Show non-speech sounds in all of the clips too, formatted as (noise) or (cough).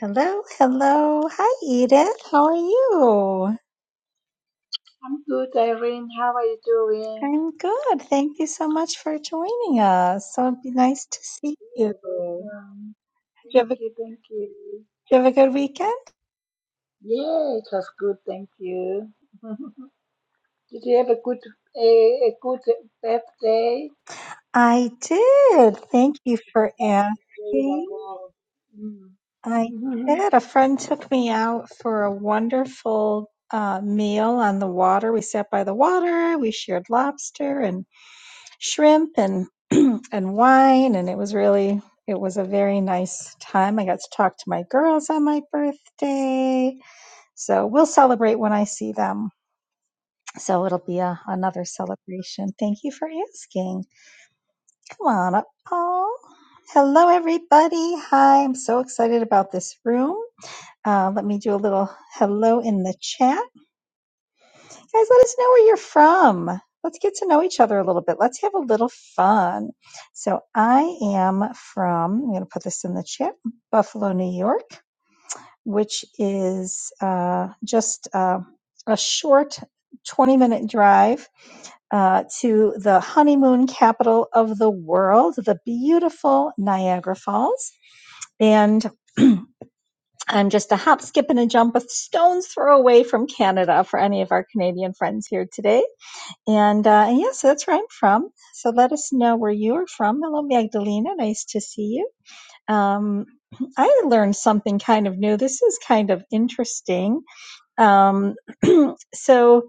Hello, hello. Hi, Edith. How are you? I'm good, Irene. How are you doing? I'm good. Thank you so much for joining us. So it'd be nice to see you. Did You're welcome. you Thank have a, did you, thank you. you have a good weekend? Yeah, it was good, thank you. (laughs) Did you have a good a, a good birthday? I did. Thank you for Birthday, asking. like, wow. I Mm. (laughs) did. A friend took me out for a wonderful uh, meal on the water. We sat by the water. We shared lobster and shrimp and (clears throat) and wine and it was really it was a very nice time. I got to talk to my girls on my birthday. So we'll celebrate when I see them. So it'll be a, another celebration. Thank you for asking. Come on up, Paul. Hello, everybody. Hi, I'm so excited about this room. Uh, let me do a little hello in the chat. guys, let us know where you're from. Let's get to know each other a little bit. Let's have a little fun. So, I am from, I'm going to put this in the chat, Buffalo, New York, which is uh, just uh, a short 20 minute drive uh, to the honeymoon capital of the world, the beautiful Niagara Falls. And I'm just a hop, skip, and a jump, a stone's throw away from Canada for any of our Canadian friends here today. And uh, and yes, that's where I'm from. So let us know where you are from. Hello, Magdalena. Nice to see you. Um, (clears throat) I learned something kind of new. This is kind of interesting. Um, (clears throat) so,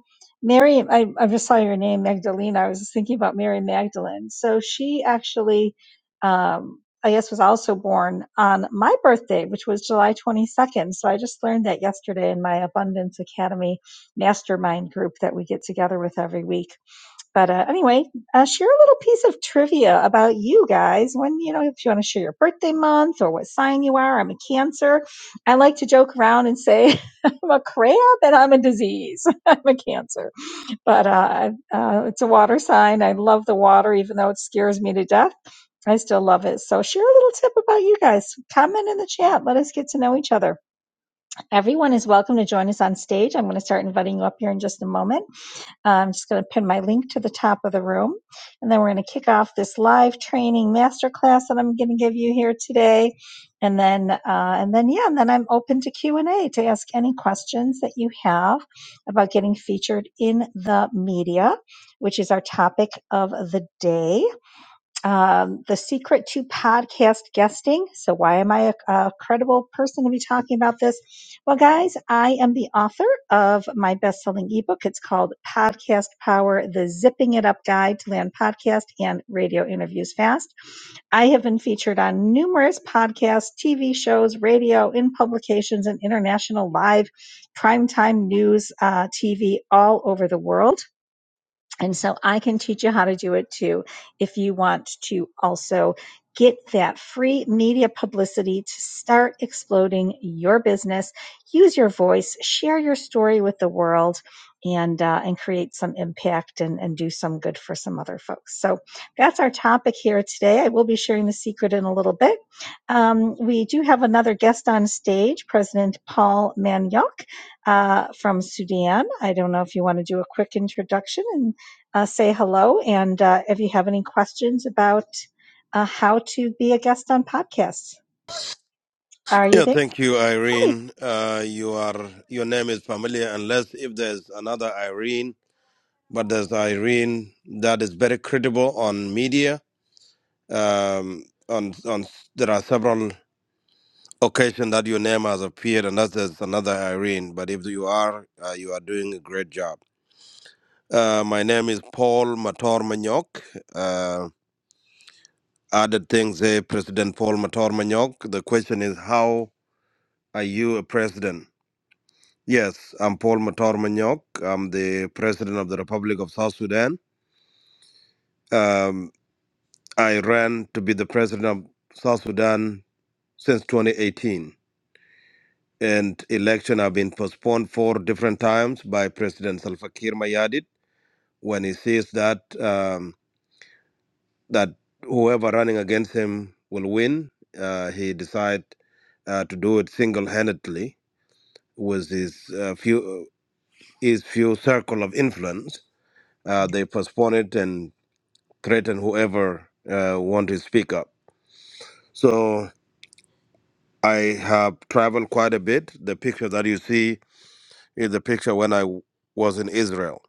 Mary, I, I just saw your name, Magdalena. I was just thinking about Mary Magdalene. So she actually, um, I guess, was also born on my birthday, which was July 22nd. So I just learned that yesterday in my Abundance Academy mastermind group that we get together with every week but uh, anyway, uh, share a little piece of trivia about you guys. When you know, if you want to share your birthday month or what sign you are, I'm a Cancer. I like to joke around and say (laughs) I'm a crab and I'm a disease. (laughs) I'm a Cancer, but uh, uh, it's a water sign. I love the water, even though it scares me to death. I still love it. So share a little tip about you guys. Comment in the chat. Let us get to know each other. Everyone is welcome to join us on stage. I'm going to start inviting you up here in just a moment. Uh, I'm just going to pin my link to the top of the room. And then we're going to kick off this live training masterclass that I'm going to give you here today. And then, uh, and then, yeah, and then I'm open to Q and A to ask any questions that you have about getting featured in the media, which is our topic of the day um, the secret to podcast guesting. So, why am I a, a credible person to be talking about this? Well, guys, I am the author of my best selling ebook. It's called Podcast Power The Zipping It Up Guide to Land Podcast and Radio Interviews Fast. I have been featured on numerous podcasts, TV shows, radio, in publications, and international live primetime news uh, TV all over the world. And so I can teach you how to do it too if you want to also get that free media publicity to start exploding your business. Use your voice, share your story with the world. And, uh, and create some impact and, and do some good for some other folks. So that's our topic here today. I will be sharing the secret in a little bit. Um, we do have another guest on stage, President Paul Maniok uh, from Sudan. I don't know if you want to do a quick introduction and uh, say hello. And uh, if you have any questions about uh, how to be a guest on podcasts, are you Yeah, there? thank you, Hi. Irene. Uh, you are your name is familiar, unless if there's another Irene, but there's Irene that is very credible on media. Um, on on there are several occasions that your name has appeared, unless there's another Irene. But if you are, uh, you are doing a great job. Uh, my name is Paul Mator Manyok. Uh, added things, eh, President Paul Mator Manyok. The question is, how are you a president? Yes, I'm Paul Matar Manyok. I'm the President of the Republic of South Sudan. Um, I ran to be the President of South Sudan since 2018. And election have been postponed four different times by President Salva Kiir Mayardit when he sees that um, that whoever running against him will win. Uh, he decide uh, to do it single-handedly with his uh, few his few circle of influence. Uh, they postpone it and threaten whoever uh, want to speak up. So I have traveled quite a bit. The picture that you see is the picture when I w- was in Israel.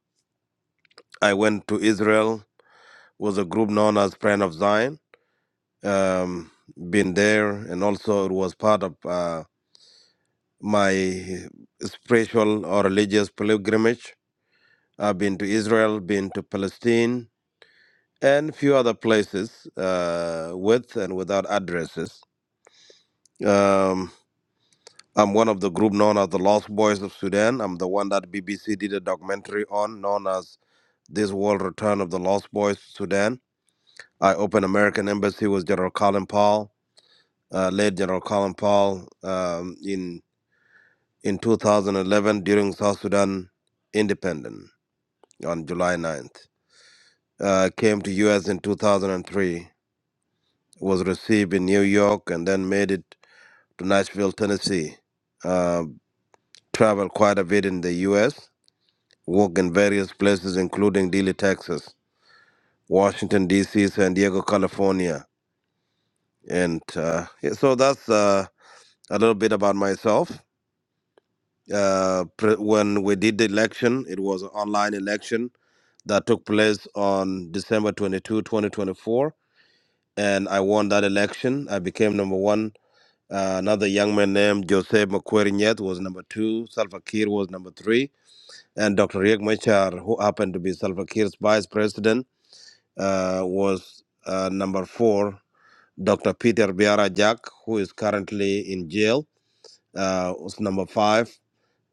I went to Israel with a group known as Friend of Zion. Um, been there, and also it was part of uh, my spiritual or religious pilgrimage. I've been to Israel, been to Palestine, and few other places uh, with and without addresses. Um, I'm one of the group known as the Lost Boys of Sudan. I'm the one that BBC did a documentary on, known as This World Return of the Lost Boys to Sudan. I opened American Embassy with General Colin Powell, uh, late General Colin Powell, um, in in 2011 during South Sudan Independence on July 9th. Uh, came to U.S. in 2003. Was received in New York and then made it to Nashville, Tennessee. Uh, traveled quite a bit in the U.S worked in various places, including Dili, Texas, Washington, D.C., San Diego, California. And uh, yeah, so that's uh, a little bit about myself. Uh, pre- when we did the election, it was an online election that took place on December 22, 2024. And I won that election. I became number one. Uh, another young man named Jose Makweri Nyet was number two. Salva Kiir was number three. And Dr. Riek Machar, who happened to be Salva Kiir's vice president, uh, was uh, number four, Dr. Peter Biara Jack, who is currently in jail, uh, was number five,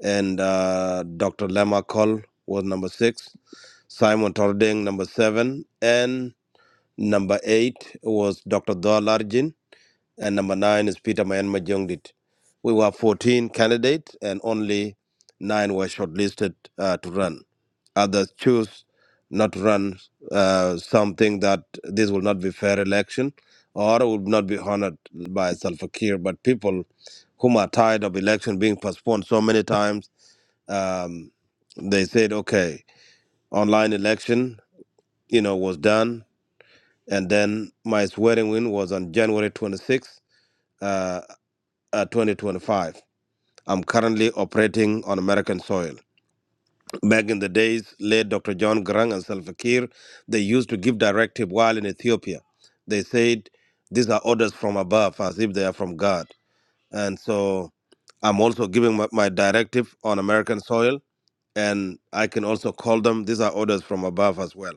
and uh, Dr. Lema Col was number six, Simon Tordeng, number seven, and number eight was Dr. Dol Arjin, and number nine is Peter Mayan Majongdit. We were 14 candidates, and only nine were shortlisted uh, to run others choose not to run uh, something that this will not be fair election or will not be honored by Salva Kiir. But people whom are tired of election being postponed so many times, um, they said, okay, online election, you know, was done. And then my swearing in was on January 26, uh, uh, 2025. I'm currently operating on American soil. Back in the days, late Dr. John Garang and Salva Kiir, they used to give directive while in Ethiopia. They said, these are orders from above, as if they are from God. And so I'm also giving my, my directive on American soil, and I can also call them, these are orders from above as well.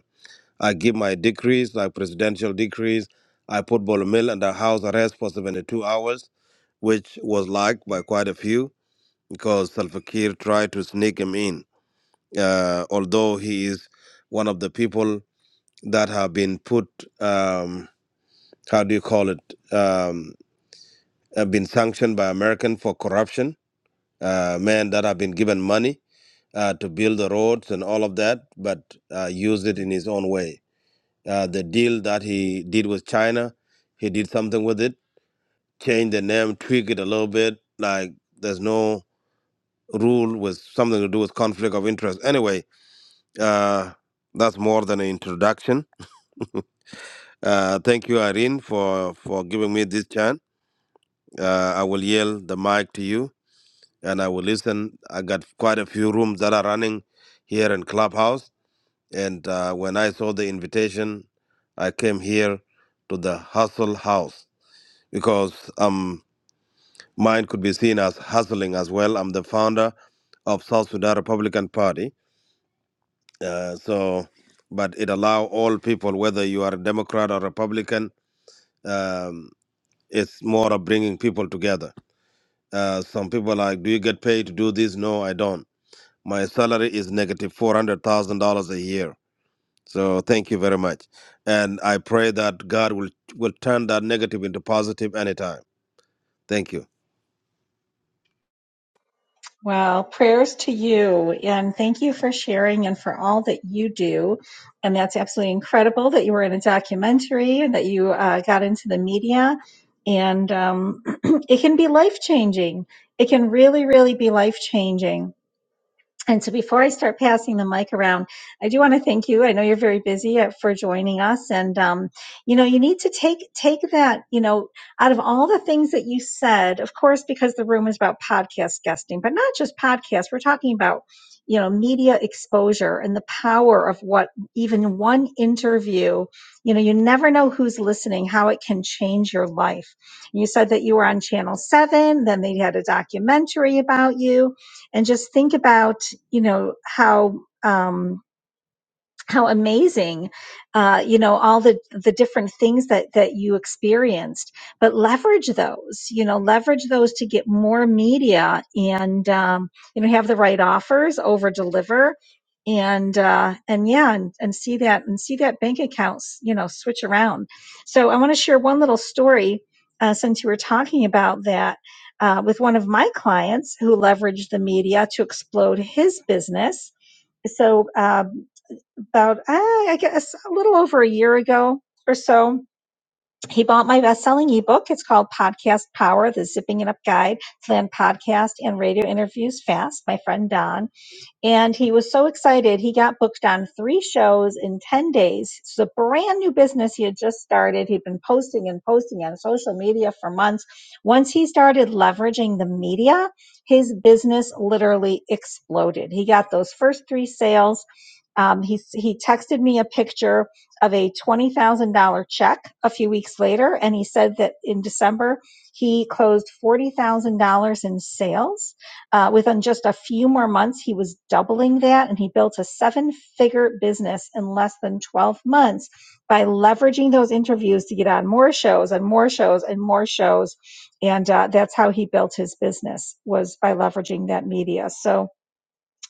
I give my decrees, like presidential decrees. I put Bolomil under house arrest for 72 hours, which was liked by quite a few because Salva Kiir tried to sneak him in uh, although he is one of the people that have been put, um, how do you call it, um, have been sanctioned by American for corruption, uh, men that have been given money uh, to build the roads and all of that, but uh, used it in his own way. Uh, the deal that he did with China, he did something with it, changed the name, tweak it a little bit, like there's no rule with something to do with conflict of interest. Anyway, uh, that's more than an introduction Uh, thank you, Irene, for, for giving me this chance. Uh, I will yield the mic to you and I will listen. I got quite a few rooms that are running here in Clubhouse. And uh, when I saw the invitation, I came here to the Hustle House because um, mine could be seen as hustling as well. I'm the founder of South Sudan Republican Party. Uh, so, but it allow all people, whether you are a Democrat or Republican, um, it's more of bringing people together Uh, some people are like, do you get paid to do this? No, I don't. My salary is negative four hundred thousand dollars a year. So thank you very much, and I pray that God will will turn that negative into positive anytime. Thank you. Well, prayers to you. And thank you for sharing and for all that you do. And that's absolutely incredible that you were in a documentary and that you uh, got into the media. And um, (clears throat) it can be life changing. It can really, really be life changing And so before I start passing the mic around, I do want to thank you. I know you're very busy uh, for joining us. And, um, you know, you need to take, take that, you know, out of all the things that you said, of course, because the room is about podcast guesting, but not just podcasts. We're talking about, you know, media exposure and the power of what even one interview, you know, you never know who's listening, how it can change your life. And You said that you were on channel seven, then they had a documentary about you and just think about you know how um how amazing uh you know all the the different things that that you experienced but leverage those you know leverage those to get more media and um you know have the right offers over deliver and uh and yeah and, and see that and see that bank accounts you know switch around so i want to share one little story uh, since you were talking about that uh, with one of my clients who leveraged the media to explode his business so um, about uh, i guess a little over a year ago or so he bought my best-selling ebook it's called podcast power the zipping it up guide to land podcast and radio interviews fast my friend don and he was so excited. He got booked on three shows in 10 days. It's a brand new business he had just started. He'd been posting and posting on social media for months. Once he started leveraging the media, his business literally exploded. He got those first three sales. Um, he, he texted me a picture of a $20,000 check a few weeks later. And he said that in December, he closed $40,000 in sales uh, within just a few more months, he was doubling that and he built a seven figure business in less than 12 months by leveraging those interviews to get on more shows and more shows and more shows. And uh, that's how he built his business was by leveraging that media. So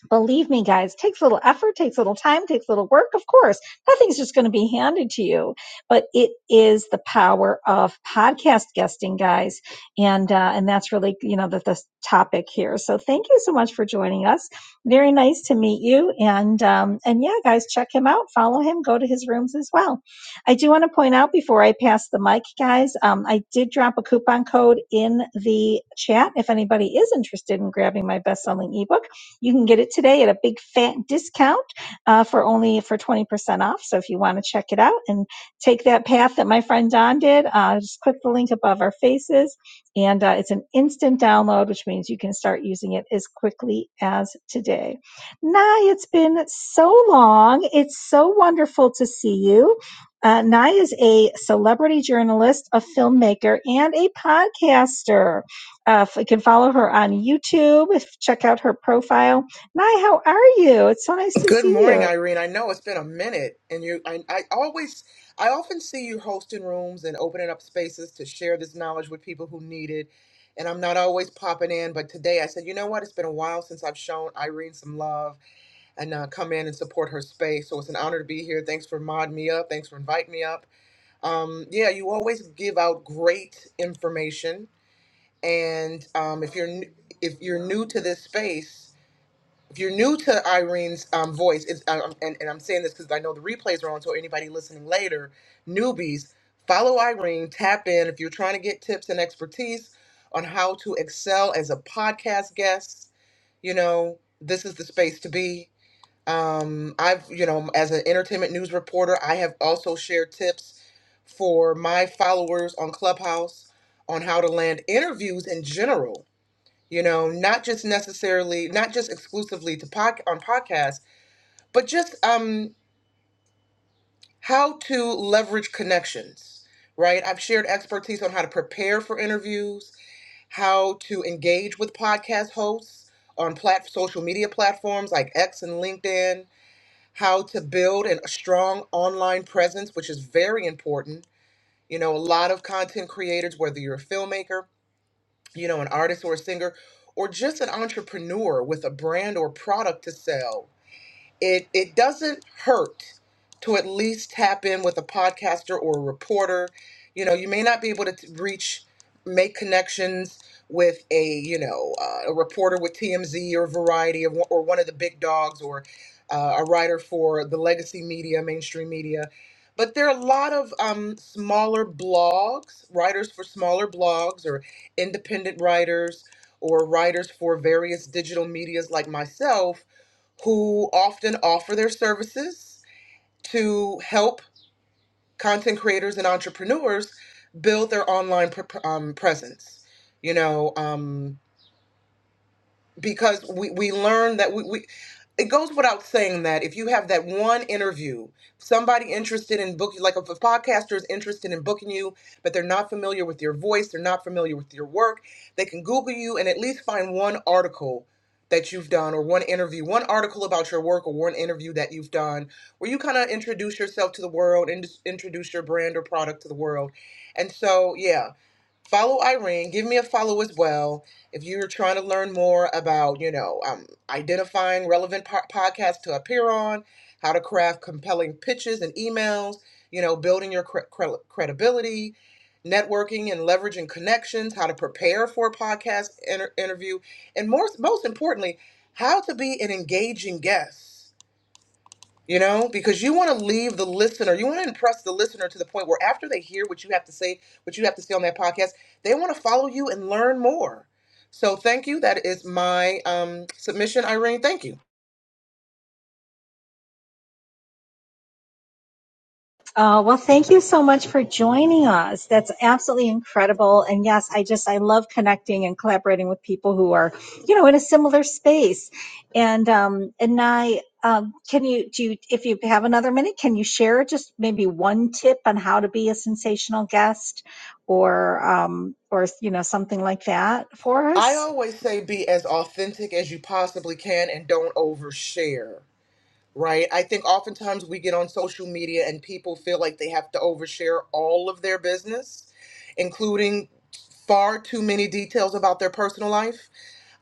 believe me guys takes a little effort takes a little time takes a little work of course nothing's just going to be handed to you but it is the power of podcast guesting guys and uh, and that's really you know the, the topic here so thank you so much for joining us very nice to meet you and um, and yeah guys check him out follow him go to his rooms as well i do want to point out before i pass the mic guys um, i did drop a coupon code in the chat if anybody is interested in grabbing my best-selling ebook you can get it today at a big fat discount uh, for only for 20% off. So if you want to check it out and take that path that my friend Don did, uh, just click the link above our faces. And uh, it's an instant download, which means you can start using it as quickly as today. Nye, it's been so long. It's so wonderful to see you. Uh, Nye is a celebrity journalist, a filmmaker, and a podcaster. Uh, if you can follow her on YouTube, if check out her profile. Nye, how are you? It's so nice to Good see morning, you. Irene. I know it's been a minute, and you, I, I always, I often see you hosting rooms and opening up spaces to share this knowledge with people who need it. And I'm not always popping in, but today I said, you know what? It's been a while since I've shown Irene some love and uh, come in and support her space. So it's an honor to be here. Thanks for modding me up. Thanks for inviting me up. Um, yeah, you always give out great information, and um, if you're n- if you're new to this space if you're new to Irene's um, voice, it's, um, um, and, and I'm saying this because I know the replays are on, so anybody listening later, newbies, follow Irene, tap in if you're trying to get tips and expertise on how to excel as a podcast guest. You know, this is the space to be. Um, I've, you know, as an entertainment news reporter, I have also shared tips for my followers on Clubhouse on how to land interviews in general you know, not just necessarily, not just exclusively to pod, on podcasts, but just um, how to leverage connections, right? I've shared expertise on how to prepare for interviews, how to engage with podcast hosts on plat- social media platforms like X and LinkedIn, how to build an, a strong online presence, which is very important. You know, a lot of content creators, whether you're a filmmaker you know, an artist or a singer, or just an entrepreneur with a brand or product to sell it it doesn't hurt to at least tap in with a podcaster or a reporter you know you may not be able to t- reach make connections with a you know uh, a reporter with TMZ or Variety or, one- or one of the big dogs or uh, a writer for the legacy media mainstream media but there are a lot of um, smaller blogs writers for smaller blogs or independent writers or writers for various digital medias like myself who often offer their services to help content creators and entrepreneurs build their online pr- pr- um, presence. You know, um, because we, we learn that we, we it goes without saying that if you have that one interview somebody interested in booking like if a podcaster is interested in booking you but they're not familiar with your voice they're not familiar with your work they can google you and at least find one article that you've done or one interview one article about your work or one interview that you've done where you kind of introduce yourself to the world and just introduce your brand or product to the world and so yeah follow Irene. Give me a follow as well if you're trying to learn more about, you know, um, identifying relevant po- podcasts to appear on, how to craft compelling pitches and emails, you know, building your cre- cre- credibility, networking and leveraging connections, how to prepare for a podcast inter- interview, and more, most importantly, how to be an engaging guest you know, because you want to leave the listener, you want to impress the listener to the point where after they hear what you have to say, what you have to say on that podcast, they want to follow you and learn more. So thank you. That is my um, submission, Irene. Thank you. Oh, well, thank you so much for joining us. That's absolutely incredible. And yes, I just, I love connecting and collaborating with people who are, you know, in a similar space. And, um, and I, um, can you, do you, if you have another minute, can you share just maybe one tip on how to be a sensational guest or, um, or, you know, something like that for I us? always say be as authentic as you possibly can and don't overshare. Right. I think oftentimes we get on social media and people feel like they have to overshare all of their business, including far too many details about their personal life.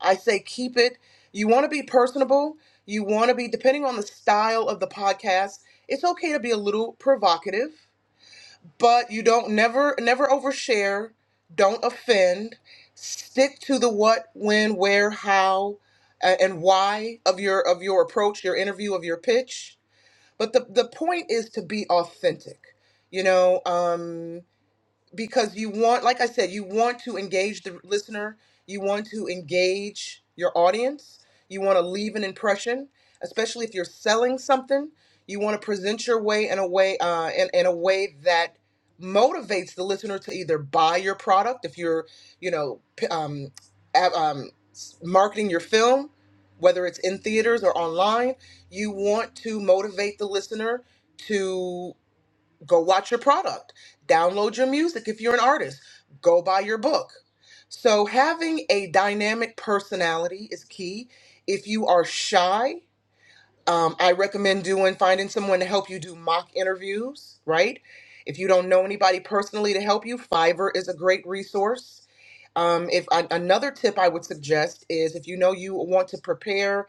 I say keep it. You want to be personable. You want to be, depending on the style of the podcast, it's okay to be a little provocative, but you don't never, never overshare. Don't offend. Stick to the what, when, where, how, a- and why of your of your approach, your interview, of your pitch but the the point is to be authentic. You know, um, because you want like i said you want to engage the listener you want to engage your audience you want to leave an impression especially if you're selling something you want to present your way in a way uh, in, in a way that motivates the listener to either buy your product if you're you know p- um, a- um, s- marketing your film whether it's in theaters or online you want to motivate the listener go watch your product, download your music if you're an artist, go buy your book. So, having a dynamic personality is key. If you are shy, um, I recommend doing finding someone to help you do mock interviews, right? If you don't know anybody personally to help you, Fiverr is a great resource. Um, if an another tip I would suggest is if you know you want to prepare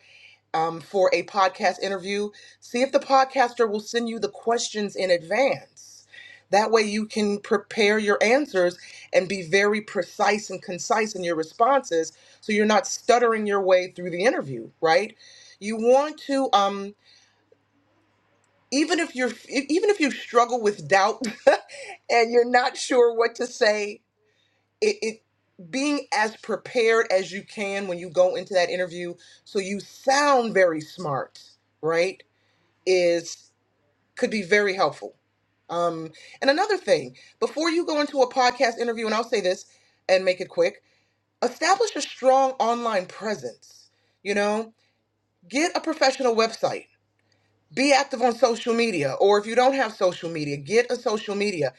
um, for a podcast interview, see if the podcaster will send you the questions in advance. That way, you can prepare your answers and be very precise and concise in your responses so you're not stuttering your way through the interview, right? You want to, um, even if you're e, even if you struggle with doubt (laughs) and you're not sure what to say, it, it being as prepared as you can when you go into that interview so you sound very smart, right? is could be very helpful. Um, and another thing, before you go into a podcast interview, and I'll say this and make it quick, establish a strong online presence. You know, get a professional website be active on social media or if you don't have social media get a social media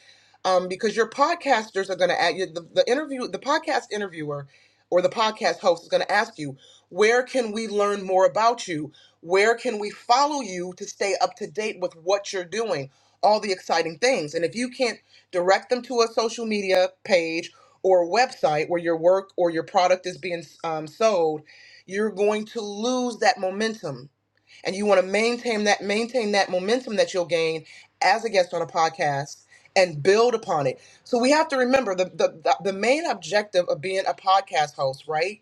um, because your podcasters are going to add you- the, the interview the podcast interviewer or the podcast host is going to ask you where can we learn more about you where can we follow you to stay up to date with what you're doing all the exciting things and if you can't direct them to a social media page or website where your work or your product is being um, sold you're going to lose that momentum and you want to maintain that maintain that momentum that you'll gain as a guest on a podcast and build upon it so we have to remember the the, the the main objective of being a podcast host right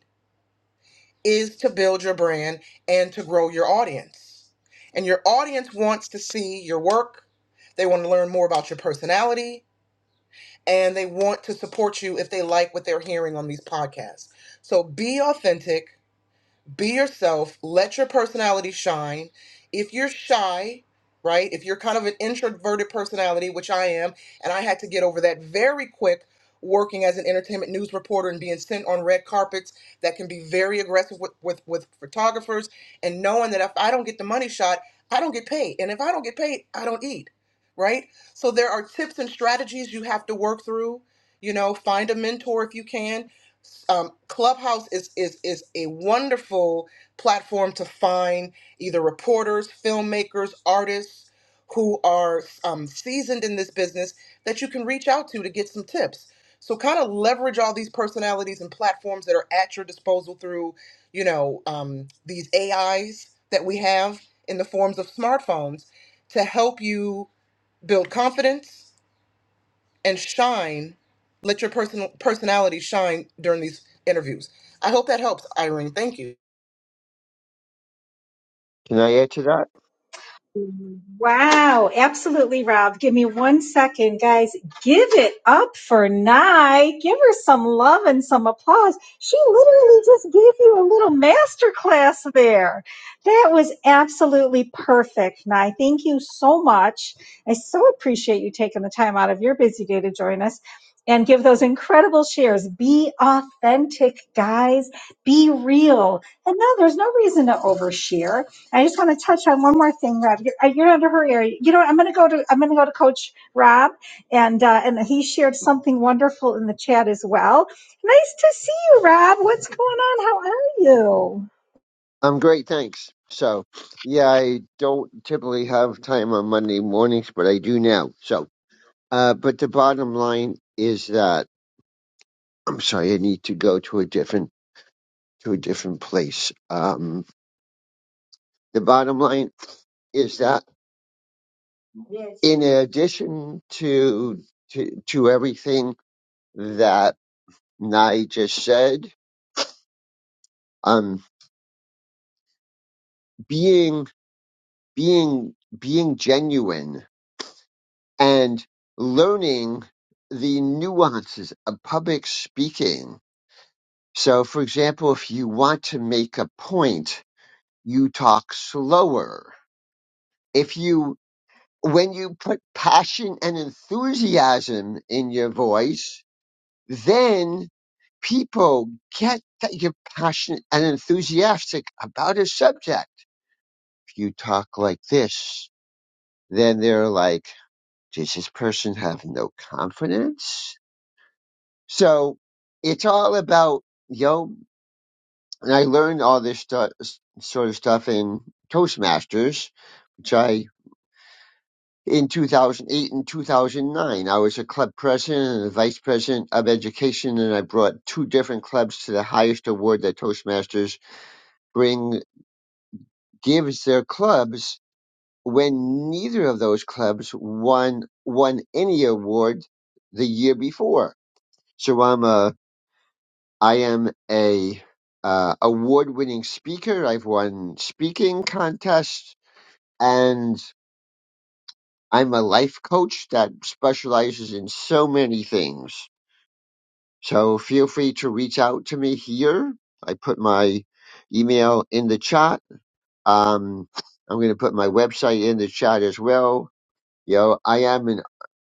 is to build your brand and to grow your audience and your audience wants to see your work they want to learn more about your personality and they want to support you if they like what they're hearing on these podcasts so be authentic be yourself let your personality shine if you're shy right if you're kind of an introverted personality which i am and i had to get over that very quick working as an entertainment news reporter and being sent on red carpets that can be very aggressive with, with, with photographers and knowing that if i don't get the money shot i don't get paid and if i don't get paid i don't eat right so there are tips and strategies you have to work through you know find a mentor if you can um, Clubhouse is is is a wonderful platform to find either reporters, filmmakers, artists who are um, seasoned in this business that you can reach out to to get some tips. So kind of leverage all these personalities and platforms that are at your disposal through, you know, um, these AIs that we have in the forms of smartphones to help you build confidence and shine. Let your personal personality shine during these interviews. I hope that helps, Irene. Thank you. Can I add to that? Wow, absolutely, Rob. Give me one second, guys. Give it up for Nye. Give her some love and some applause. She literally just gave you a little master class there. That was absolutely perfect, Nye. Thank you so much. I so appreciate you taking the time out of your busy day to join us and give those incredible shares. Be authentic, guys. Be real. And no, there's no reason to overshare I just want to touch on one more thing, Rob. You're, uh, you're under her area. You know, what? I'm going to go to I'm going to go to Coach Rob, and uh, and he shared something wonderful in the chat as well. Nice to see you, Rob. What's going on? How are you? I'm great, thanks. So, yeah, I don't typically have time on Monday mornings, but I do now. So, uh, but the bottom line is that (clears throat) I'm sorry, I need to go to a different to a different place. Um, the bottom line is that in addition to to, to everything that I just said, um, being being being genuine and learning the nuances of public speaking. So, for example, if you want to make a point, you talk slower. If you, when you put passion and enthusiasm in your voice, then people get that you're passionate and enthusiastic about a subject. If you talk like this, then they're like, does this person have no confidence? So it's all about, yo, and I learned all this stu- s sort of stuff in Toastmasters, which I, in 2008 and 2009, I was a club president and a vice president of education, and I brought two different clubs to the highest award that Toastmasters bring, gives their clubs when neither of those clubs won, won any award the year before. So I'm a I am a uh, award-winning speaker. I've won speaking contests, and I'm a life coach that specializes in so many things. So feel free to reach out to me here. I put my email in the chat. Um, I'm going to put my website in the chat as well. You know, I am an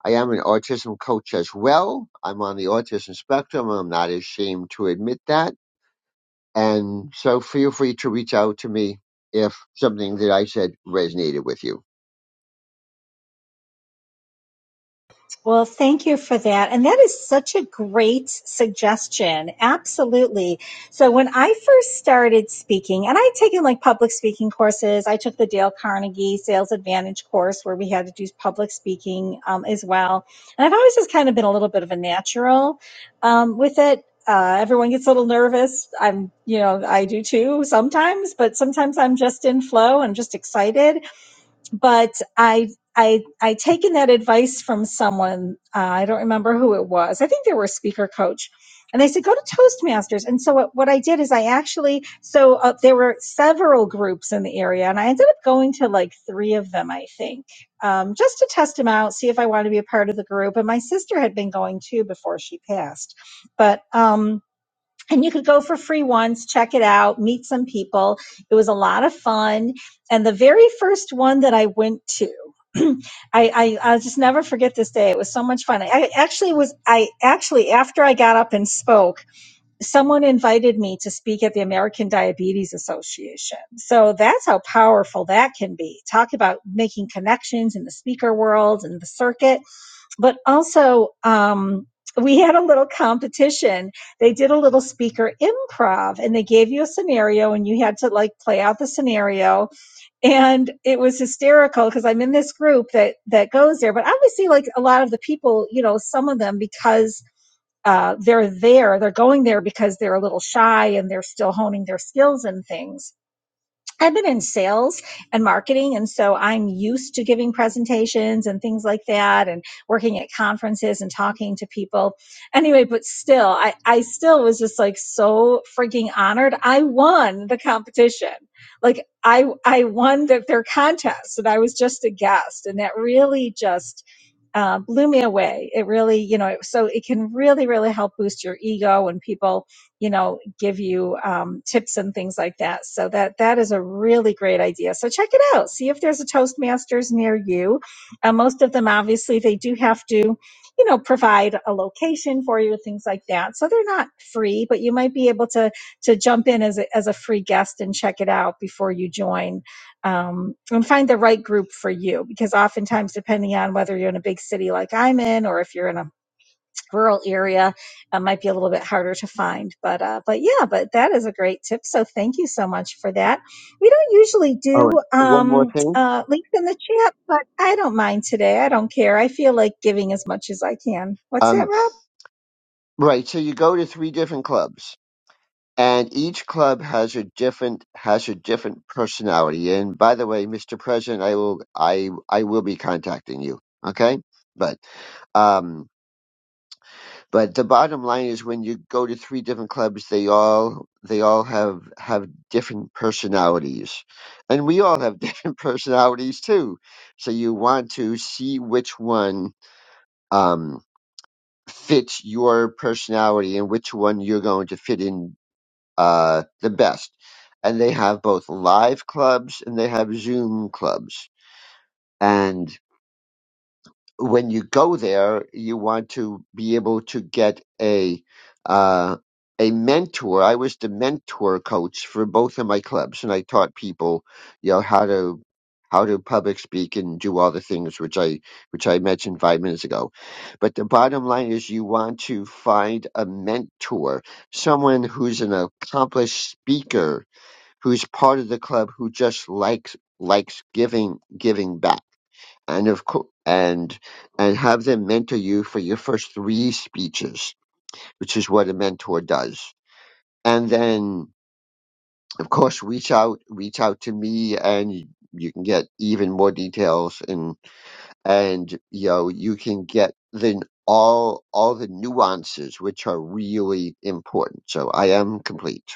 I am an autism coach as well. I'm on the autism spectrum. I'm not ashamed to admit that And so feel free to reach out to me if something that I said resonated with you. Well, thank you for that. And that is such a great suggestion. Absolutely. So when I first started speaking, and I'd taken like public speaking courses, I took the Dale Carnegie Sales Advantage course where we had to do public speaking um, as well. And I've always just kind of been a little bit of a natural um, with it. Uh, everyone gets a little nervous. I'm, you know, I do too sometimes, but sometimes I'm just in flow and just excited but I I I taken that advice from someone. Uh, I don't remember who it was. I think they were a speaker coach, and they said go to Toastmasters. And so what, what I did is I actually so uh, there were several groups in the area, and I ended up going to like three of them, I think, um, just to test them out, see if I wanted to be a part of the group. And my sister had been going too before she passed, but. um and you could go for free once, check it out, meet some people. It was a lot of fun. And the very first one that I went to, (clears throat) I, I I'll just never forget this day. It was so much fun. I, I actually was I actually after I got up and spoke, someone invited me to speak at the American Diabetes Association. So that's how powerful that can be. Talk about making connections in the speaker world and the circuit but also um, we had a little competition. They did a little speaker improv and they gave you a scenario and you had to like play out the scenario. And it was hysterical because I'm in this group that that goes there. But obviously, like a lot of the people, you know, some of them because uh, they're there, they're going there because they're a little shy and they're still honing their skills and things I've been in sales and marketing, and so I'm used to giving presentations and things like that, and working at conferences and talking to people. Anyway, but still, I, I still was just like so freaking honored. I won the competition. Like I I won the, their contest, and I was just a guest, and that really just uh, blew me away. It really, you know, so it can really, really help boost your ego when people you know, give you um, tips and things like that. So that that is a really great idea. So check it out. See if there's a Toastmasters near you. Uh, most of them, obviously, they do have to, you know, provide a location for you, things like that. So they're not free, but you might be able to to jump in as a, as a free guest and check it out before you join um, and find the right group for you. Because oftentimes, depending on whether you're in a big city like I'm in, or if you're in a rural area uh, might be a little bit harder to find but uh, but yeah but that is a great tip so thank you so much for that we don't usually Oh, do and one more um, thing. uh, links in the chat, but I don't mind today. I don't care. I feel like giving as much as I can. What's that, Um, Rob? right. So you go to three different clubs and each club has a different, has a different personality. And by the way, Mr. President, I will, I, I will be contacting you. Okay. But, um, But the bottom line is when you go to three different clubs, they all they all have have different personalities, and we all have (laughs) different personalities too. So you want to see which one um, fits your personality and which one you're going to fit in uh, the best. And they have both live clubs and they have Zoom clubs. and. when you go there, you want to be able to get a uh, a mentor. I was the mentor coach for both of my clubs, and I taught people, you know, how to how to public speak and do all the things which I which I mentioned five minutes ago. But the bottom line is, you want to find a mentor, someone who's an accomplished speaker, who's part of the club, who just likes likes giving giving back and of co- and and have them mentor you for your first three speeches, which is what a mentor does. And then, of course, reach out reach out to me, and you, you can get even more details, and and you know you can get then all all the nuances, which are really important. So I am complete.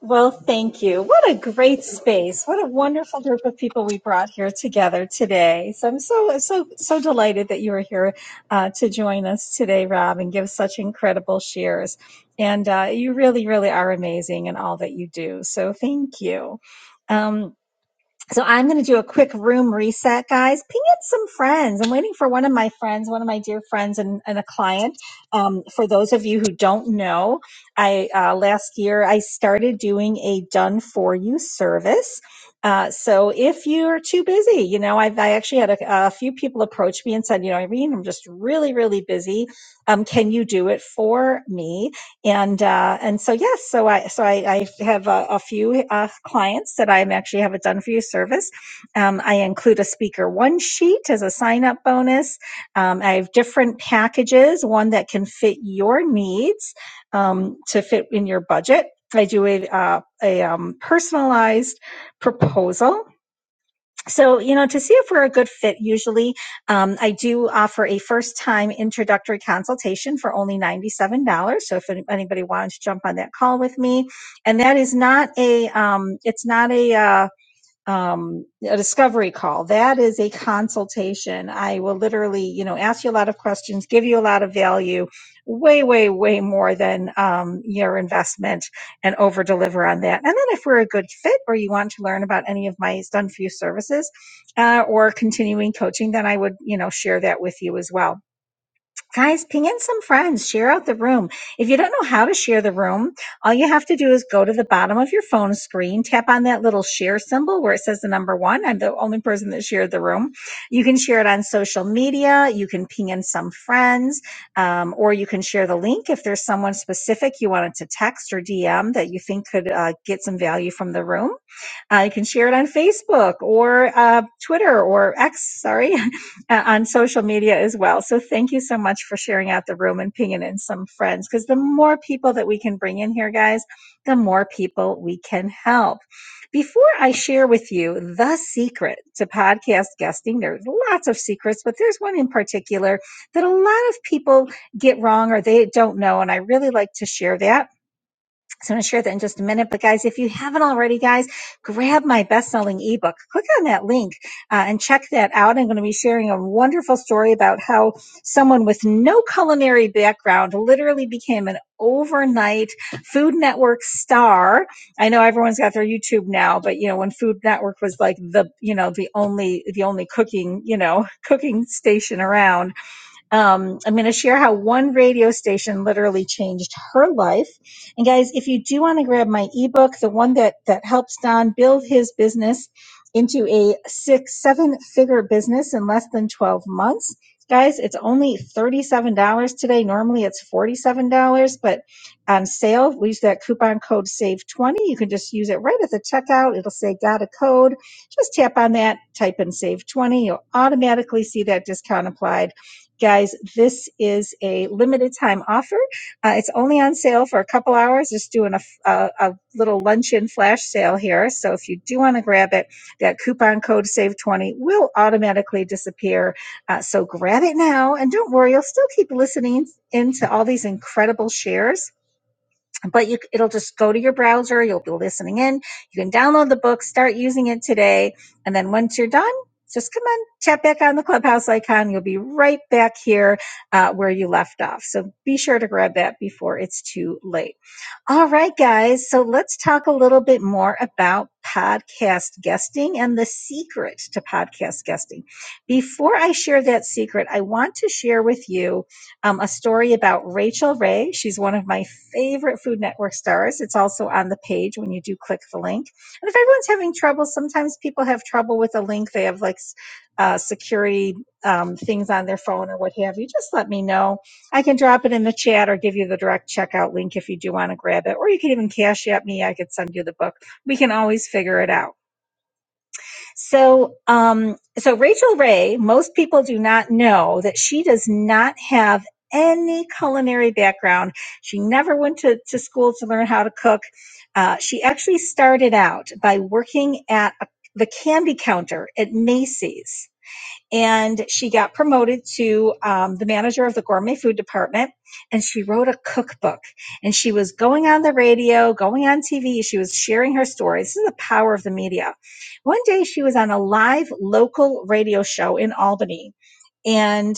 Well, thank you. What a great space. What a wonderful group of people we brought here together today. So I'm so, so, so delighted that you were here uh, to join us today, Rob, and give such incredible shares. And uh, you really, really are amazing in all that you do. So thank you. Um, so I'm going to do a quick room reset, guys. Ping in some friends. I'm waiting for one of my friends, one of my dear friends, and, and a client. Um, for those of you who don't know, I uh, last year I started doing a done for you service. Uh, so if you're too busy, you know, I've, I actually had a, a few people approach me and said, you know, Irene, I'm just really, really busy. Um, can you do it for me? and uh, and so yes, so I so I, I have a, a few uh, clients that i actually have a done for you service. Um, I include a speaker one sheet as a sign up bonus. Um, I have different packages, one that can fit your needs um, to fit in your budget. I do a uh, a um, personalized proposal so you know to see if we're a good fit usually um, i do offer a first time introductory consultation for only $97 so if anybody wanted to jump on that call with me and that is not a um, it's not a uh, um, a discovery call. That is a consultation. I will literally, you know, ask you a lot of questions, give you a lot of value, way, way, way more than um, your investment, and over deliver on that. And then if we're a good fit, or you want to learn about any of my done for you services, uh, or continuing coaching, then I would, you know, share that with you as well Guys, ping in some friends, share out the room. If you don't know how to share the room, all you have to do is go to the bottom of your phone screen, tap on that little share symbol where it says the number one. I'm the only person that shared the room. You can share it on social media, you can ping in some friends, um, or you can share the link if there's someone specific you wanted to text or DM that you think could uh, get some value from the room uh, you can share it on Facebook or uh, Twitter or X, sorry, (laughs) on social media as well. So thank you so much for sharing out the room and pinging in some friends because the more people that we can bring in here, guys, the more people we can help. Before I share with you the secret to podcast guesting, there's lots of secrets, but there's one in particular that a lot of people get wrong or they don't know. And I really like to share that so I'm going to share that in just a minute. But guys, if you haven't already, guys, grab my best-selling ebook. Click on that link uh, and check that out. I'm going to be sharing a wonderful story about how someone with no culinary background literally became an overnight Food Network star. I know everyone's got their YouTube now, but you know when Food Network was like the you know the only the only cooking you know (laughs) cooking station around um, I'm going to share how one radio station literally changed her life. And guys, if you do want to grab my ebook, the one that that helps Don build his business into a six, seven figure business in less than 12 months. Guys, it's only $37 today. Normally it's $47, but on sale, we use that coupon code SAVE20. You can just use it right at the checkout. It'll say got a code. Just tap on that, type in SAVE20. You'll automatically see that discount applied Guys, this is a limited time offer. Uh, it's only on sale for a couple hours. Just doing a a, a little luncheon flash sale here. So if you do want to grab it, that coupon code SAVE20 will automatically disappear. Uh, so grab it now and don't worry, you'll still keep listening into all these incredible shares but you, it'll just go to your browser. You'll be listening in. You can download the book, start using it today. And then once you're done, just come on, tap back on the clubhouse icon. You'll be right back here uh, where you left off. So be sure to grab that before it's too late. All right, guys. So let's talk a little bit more about podcast guesting and the secret to podcast guesting. Before I share that secret, I want to share with you um, a story about Rachel Ray. She's one of my favorite Food Network stars. It's also on the page when you do click the link. And if everyone's having trouble, sometimes people have trouble with a link. They have like uh, security um, things on their phone or what have you. Just let me know. I can drop it in the chat or give you the direct checkout link if you do want to grab it. Or you can even cash at me. I could send you the book. We can always figure it out. So, um, so Rachel Ray, most people do not know that she does not have any culinary background. She never went to, to school to learn how to cook. Uh, she actually started out by working at a, the candy counter at Macy's and she got promoted to um, the manager of the gourmet food department and she wrote a cookbook and she was going on the radio going on tv she was sharing her stories this is the power of the media one day she was on a live local radio show in albany and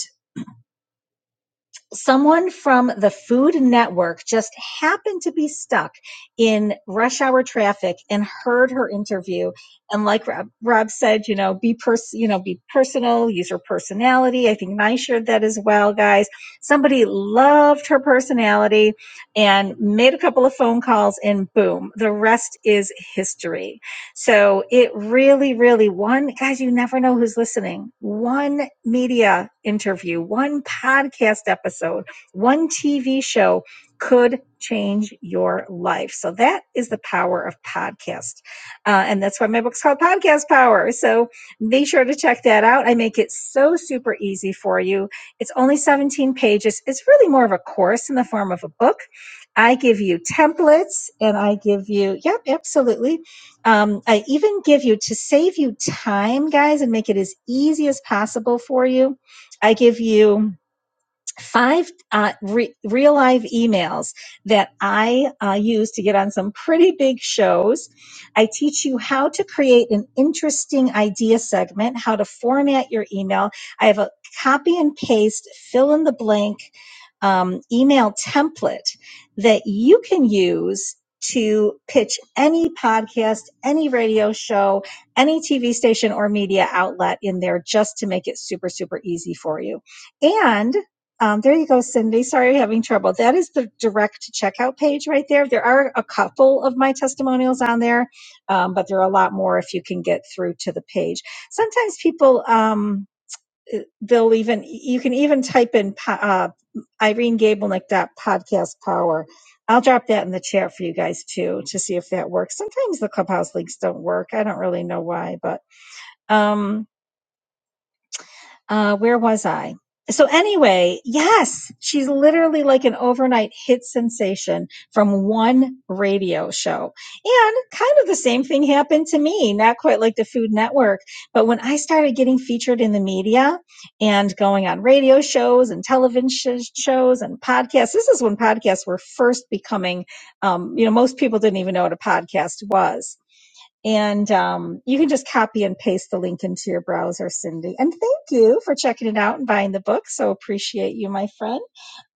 someone from the Food Network just happened to be stuck in rush hour traffic and heard her interview. And like Rob, Rob said, you know, be pers- you know, be personal, use her personality. I think I shared that as well, guys. Somebody loved her personality and made a couple of phone calls, and boom, the rest is history. So it really, really one guys, you never know who's listening. One media interview, one podcast episode, one TV show could change your life. So that is the power of podcast. Uh, and that's why my book's called Podcast Power. So be sure to check that out. I make it so super easy for you. It's only 17 pages. It's really more of a course in the form of a book. I give you templates and I give you, yep, absolutely um, I even give you to save you time, guys, and make it as easy as possible for you. I give you five uh, re- real live emails that I uh, use to get on some pretty big shows. I teach you how to create an interesting idea segment, how to format your email. I have a copy and paste, fill in the blank um, email template that you can use to pitch any podcast, any radio show, any TV station or media outlet in there just to make it super, super easy for you. And um, there you go, Cindy. Sorry you're having trouble. That is the direct checkout page right there. There are a couple of my testimonials on there, um, but there are a lot more if you can get through to the page. Sometimes people, um, eh, they'll even, you can even type in po- uh, Irene Gablenick dot podcast power. I'll drop that in the chat for you guys too to see if that works. Sometimes the clubhouse links don't work. I don't really know why, but. Um, uh, where was I? So anyway, yes, she's literally like an overnight hit sensation from one radio show. And kind of the same thing happened to me, not quite like the Food Network, but when I started getting featured in the media and going on radio shows and television sh- shows and podcasts, this is when podcasts were first becoming, um, you know, most people didn't even know what a podcast was and um, you can just copy and paste the link into your browser, Cindy. And thank you for checking it out and buying the book. So appreciate you, my friend.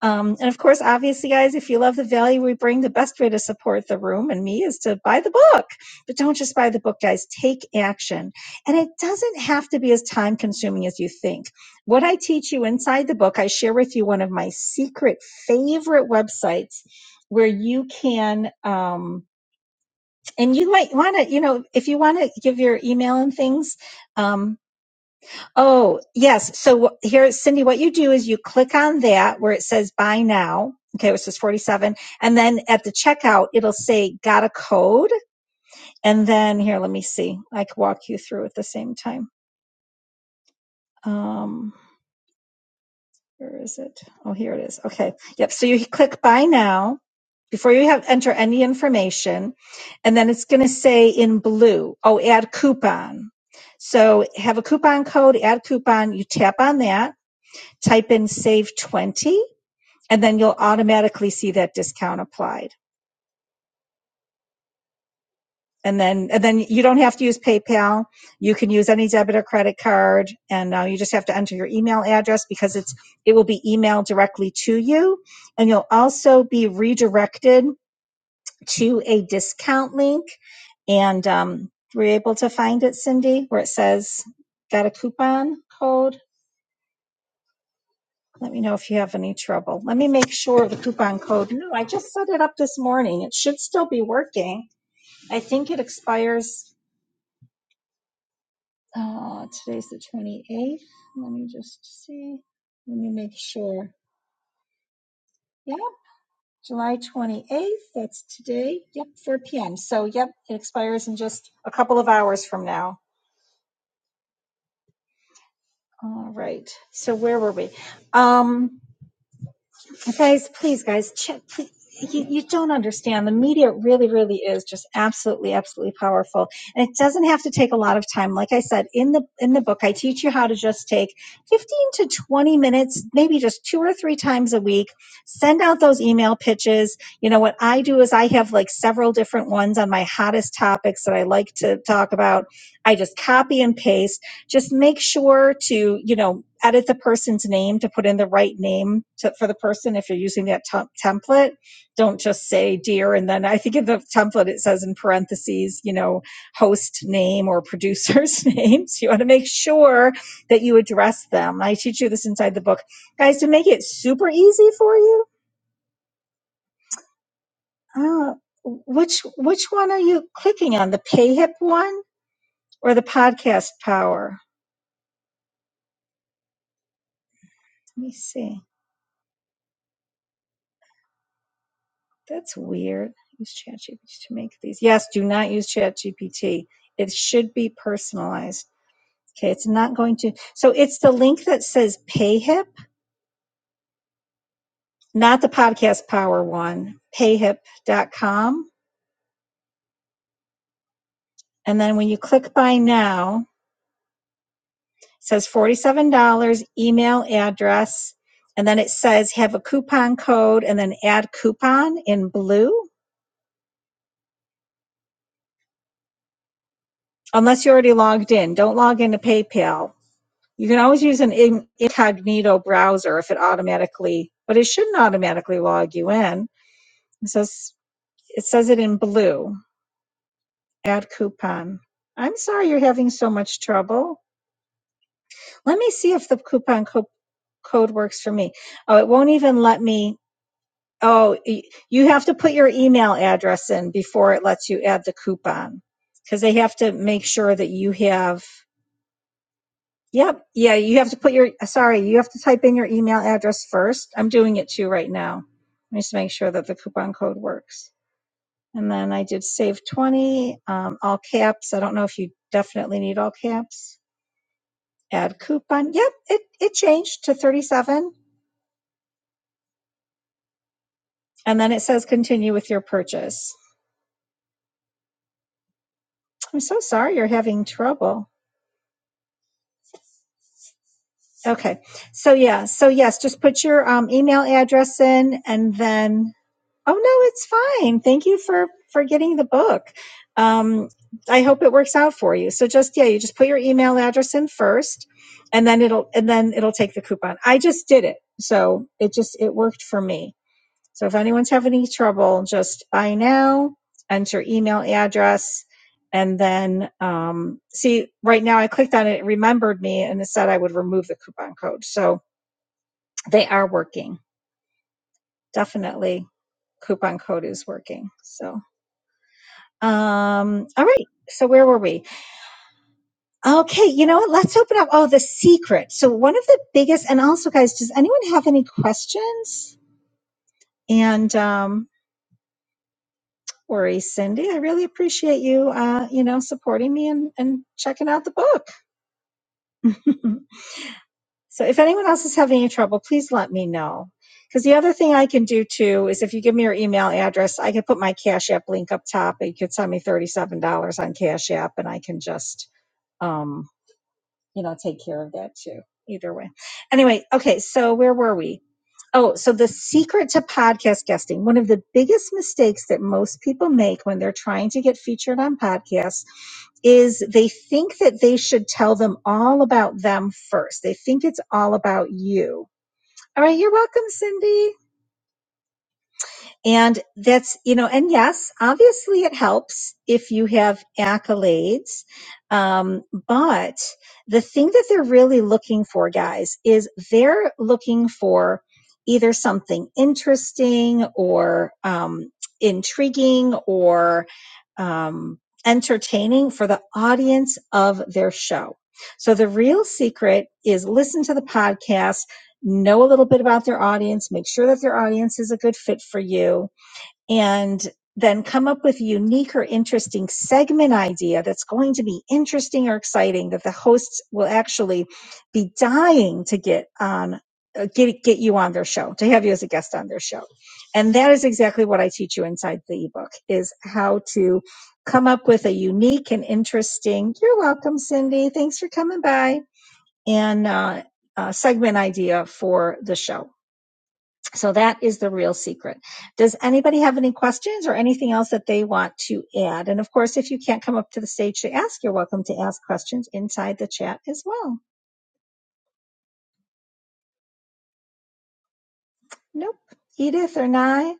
Um, and of course, obviously, guys, if you love the value we bring, the best way to support the room and me is to buy the book. But don't just buy the book, guys. Take action. And it doesn't have to be as time consuming as you think. What I teach you inside the book, I share with you one of my secret favorite websites where you can. Um, and you might want to you know if you want to give your email and things um oh yes so wh- here cindy what you do is you click on that where it says buy now okay which is 47 and then at the checkout it'll say got a code and then here let me see i can walk you through at the same time Um, Where is it? Oh, here it is. Okay. Yep. So you click buy now before you have enter any information. And then it's going to say in blue, oh, add coupon. So have a coupon code, add coupon. You tap on that, type in save 20, and then you'll automatically see that discount applied. And then, and then you don't have to use PayPal. You can use any debit or credit card, and uh, you just have to enter your email address because it's it will be emailed directly to you, and you'll also be redirected to a discount link. And um, were you able to find it, Cindy, where it says "Got a coupon code"? Let me know if you have any trouble. Let me make sure the coupon code. No, I just set it up this morning. It should still be working. I think it expires Uh, today's the 28th. Let me just see. Let me make sure. Yeah, July 28th. That's today. Yep, 4 p.m. So, yep, it expires in just a couple of hours from now. All right. So, where were we? Um, Guys, please, guys, check. Please. You, you don't understand. The media really, really is just absolutely, absolutely powerful, and it doesn't have to take a lot of time. Like I said in the in the book, I teach you how to just take fifteen to twenty minutes, maybe just two or three times a week. Send out those email pitches. You know what I do is I have like several different ones on my hottest topics that I like to talk about. I just copy and paste just make sure to you know edit the person's name to put in the right name to, for the person if you're using that tem- template don't just say dear and then i think in the template it says in parentheses you know host name or producer's (laughs) name so you want to make sure that you address them i teach you this inside the book guys to make it super easy for you uh, which which one are you clicking on the payhip one or the podcast power let me see That's weird. Use ChatGPT to make these. Yes, do not use ChatGPT. It should be personalized. Okay, it's not going to. So it's the link that says PayHip, not the podcast power one, payhip.com. And then when you click buy now, it says $47, email address. And then it says have a coupon code and then add coupon in blue. Unless you're already logged in, don't log into PayPal You can always use an incognito browser if it automatically, but it shouldn't automatically log you in. It says it says it in blue. Add coupon. I'm sorry you're having so much trouble. Let me see if the coupon co- code works for me. Oh, it won't even let me. Oh, you have to put your email address in before it lets you add the coupon because they have to make sure that you have Yep. Yeah. You have to put your, uh, sorry, you have to type in your email address first. I'm doing it too right now. Let me just make sure that the coupon code works. And then I did save 20, um, all caps. I don't know if you definitely need all caps. Add coupon. Yep. It, it changed to 37. And then it says continue with your purchase. I'm so sorry you're having trouble. Okay. So yeah. So yes, just put your um, email address in and then Oh no, it's fine. Thank you for for getting the book. Um, I hope it works out for you. So just yeah, you just put your email address in first, and then it'll and then it'll take the coupon. I just did it, so it just it worked for me. So if anyone's having any trouble, just buy now, enter email address, and then um, see. Right now, I clicked on it, it remembered me, and it said I would remove the coupon code. So they are working. Definitely, coupon code is working. So. Um, all right. So where were we? Okay, you know what? Let's open up. Oh, the secret. So one of the biggest, and also, guys, does anyone have any questions? And um, don't worry, Cindy, I really appreciate you. Uh, you know, supporting me and and checking out the book. (laughs) so if anyone else is having any trouble, please let me know. Because the other thing I can do too is if you give me your email address, I can put my Cash App link up top. You could send me thirty-seven dollars on Cash App, and I can just um, you know, take care of that too. Either way. Anyway, okay, so where were we? Oh, so the secret to podcast guesting. One of the biggest mistakes that most people make when they're trying to get featured on podcasts is they think that they should tell them all about them first. They think it's all about you. All right, you're welcome, Cindy. And that's, you know, and yes, obviously it helps if you have accolades. Um, but the thing that they're really looking for, guys, is they're looking for either something interesting or um, intriguing or um, entertaining for the audience of their show. So the real secret is listen to the podcast know a little bit about their audience, make sure that their audience is a good fit for you, and then come up with a unique or interesting segment idea that's going to be interesting or exciting that the hosts will actually be dying to get on uh, get get you on their show to have you as a guest on their show and that is exactly what i teach you inside the ebook is how to come up with a unique and interesting you're welcome cindy thanks for coming by and uh, a segment idea for the show. So that is the real secret. Does anybody have any questions or anything else that they want to add? And of course, if you can't come up to the stage to ask, you're welcome to ask questions inside the chat as well. Nope. Edith or Nye,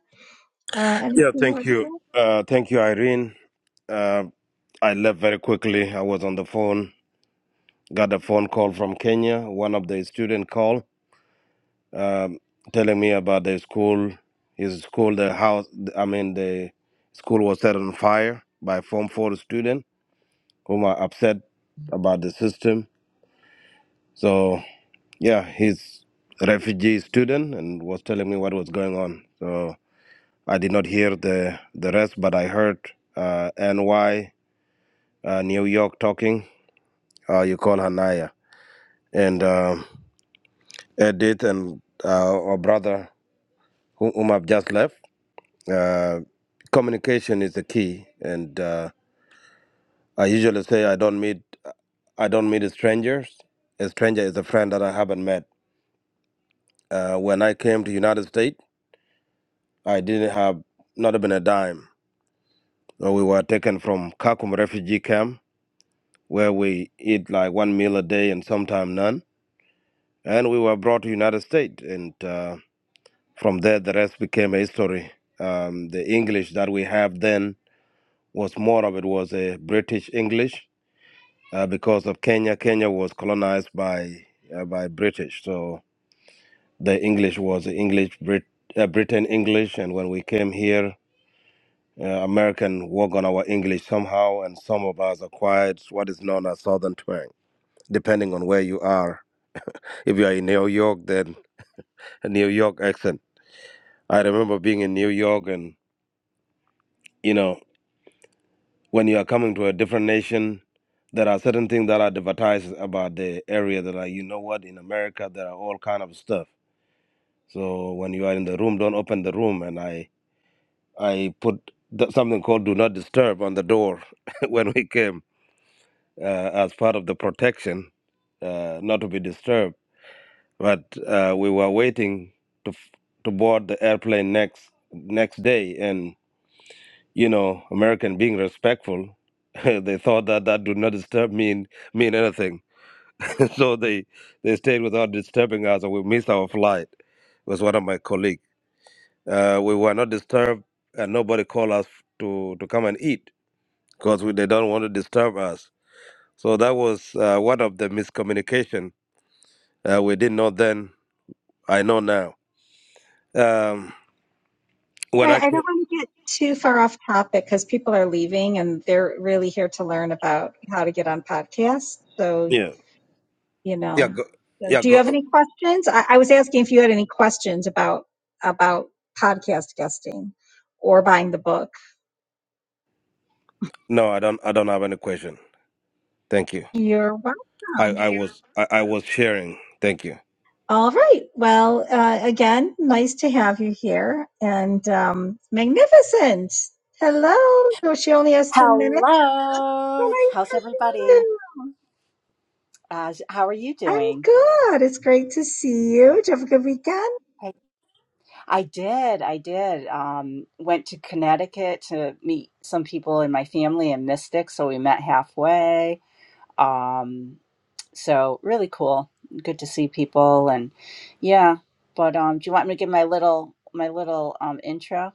uh, anything Yeah, more thank to you. add? Uh, thank you, Irene. Uh, I left very quickly. I was on the phone. Got a phone call from Kenya. One of the student called, um, telling me about the school. His school, the house. I mean, the school was set on fire by Form Four student whom are upset about the system. So yeah, he's a refugee student and was telling me what was going on. So I did not hear the the rest, but I heard uh, NY uh, New York talking. Uh, you call her Naya and um Edith and uh, our brother who- whom I've just left. Uh, communication is the key, and uh, I usually say I don't meet I don't meet strangers. A stranger is a friend that I haven't met. Uh, when I came to United States, I didn't have not even a dime. So we were taken from Kakum refugee camp where we eat like one meal a day and sometimes none. And we were brought to United States, and uh, from there the rest became a history. Um, the English that we have then was more of it was a British English uh, because of Kenya. Kenya was colonized by uh, by British, so the English was English Brit uh, Britain English, and when we came here. uh, American work on our English somehow, and some of us acquired what is known as Southern twang, depending on where you are. If you are in New York, then a New York accent. I remember being in New York, and you know, when you are coming to a different nation, there are certain things that are advertised about the area that are, you know what, in America, there are all kind of stuff. So when you are in the room, don't open the room. And I, I put th- something called "Do Not Disturb" on the door (laughs) when we came uh, as part of the protection uh, not to be disturbed. But uh, we were waiting to f- to board the airplane next next day, and you know, American being respectful, (laughs) they thought that that do not disturb mean mean anything, (laughs) so they they stayed without disturbing us, and we missed our flight. Was one of my colleagues. Uh, we were not disturbed, and nobody called us to to come and eat because they don't want to disturb us. So that was uh, one of the miscommunication uh, we didn't know then. I know now. Um, All when right, I I don't came, want to get too far off topic because people are leaving and they're really here to learn about how to get on podcasts. So yeah, you yeah, know. go, So yeah, do you go. have uh, any questions? I, I was asking if you had any questions about about podcast guesting or buying the book. No, I don't. I don't have any question. Thank you. You're I, welcome. I was, I, I was sharing. Thank you. All right. Well, uh, again, nice to have you here and um, magnificent. Hello. So she only has ten minutes. So Hello. nice How's to meet everybody? you. Uh, how are you I'm doing? good. It's great to see you. Did you have a good weekend? I, I did. I did. Um, went to Connecticut to meet some people in my family in Mystic, so we met halfway. Um, so really cool. Good to see people and yeah. But um, do you want me to give my little my little um, intro?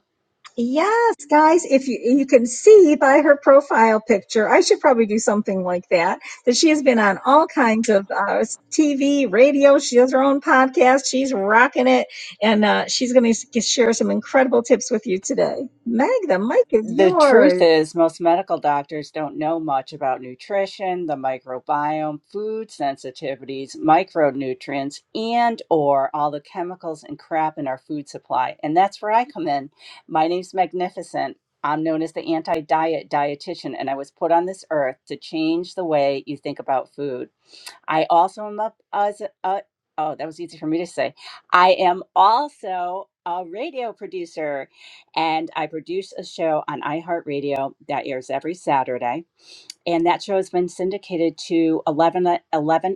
Yes, guys, if you you can see by her profile picture, I should probably do something like that. That she has been on all kinds of uh, TV, radio. She has her own podcast. She's rocking it, and uh, she's going to share some incredible tips with you today. Meg, the mic is the truth yours. is, most medical doctors don't know much about nutrition, the microbiome, food sensitivities, micronutrients, and or all the chemicals and crap in our food supply. And that's where I come in. My name's Magnificent. I'm known as the anti-diet dietitian, and I was put on this earth to change the way you think about food. I also am up as a, uh, oh, that was easy for me to say. I am also a radio producer and I produce a show on iHeartRadio that airs every Saturday. And that show has been syndicated to 11, o- eleven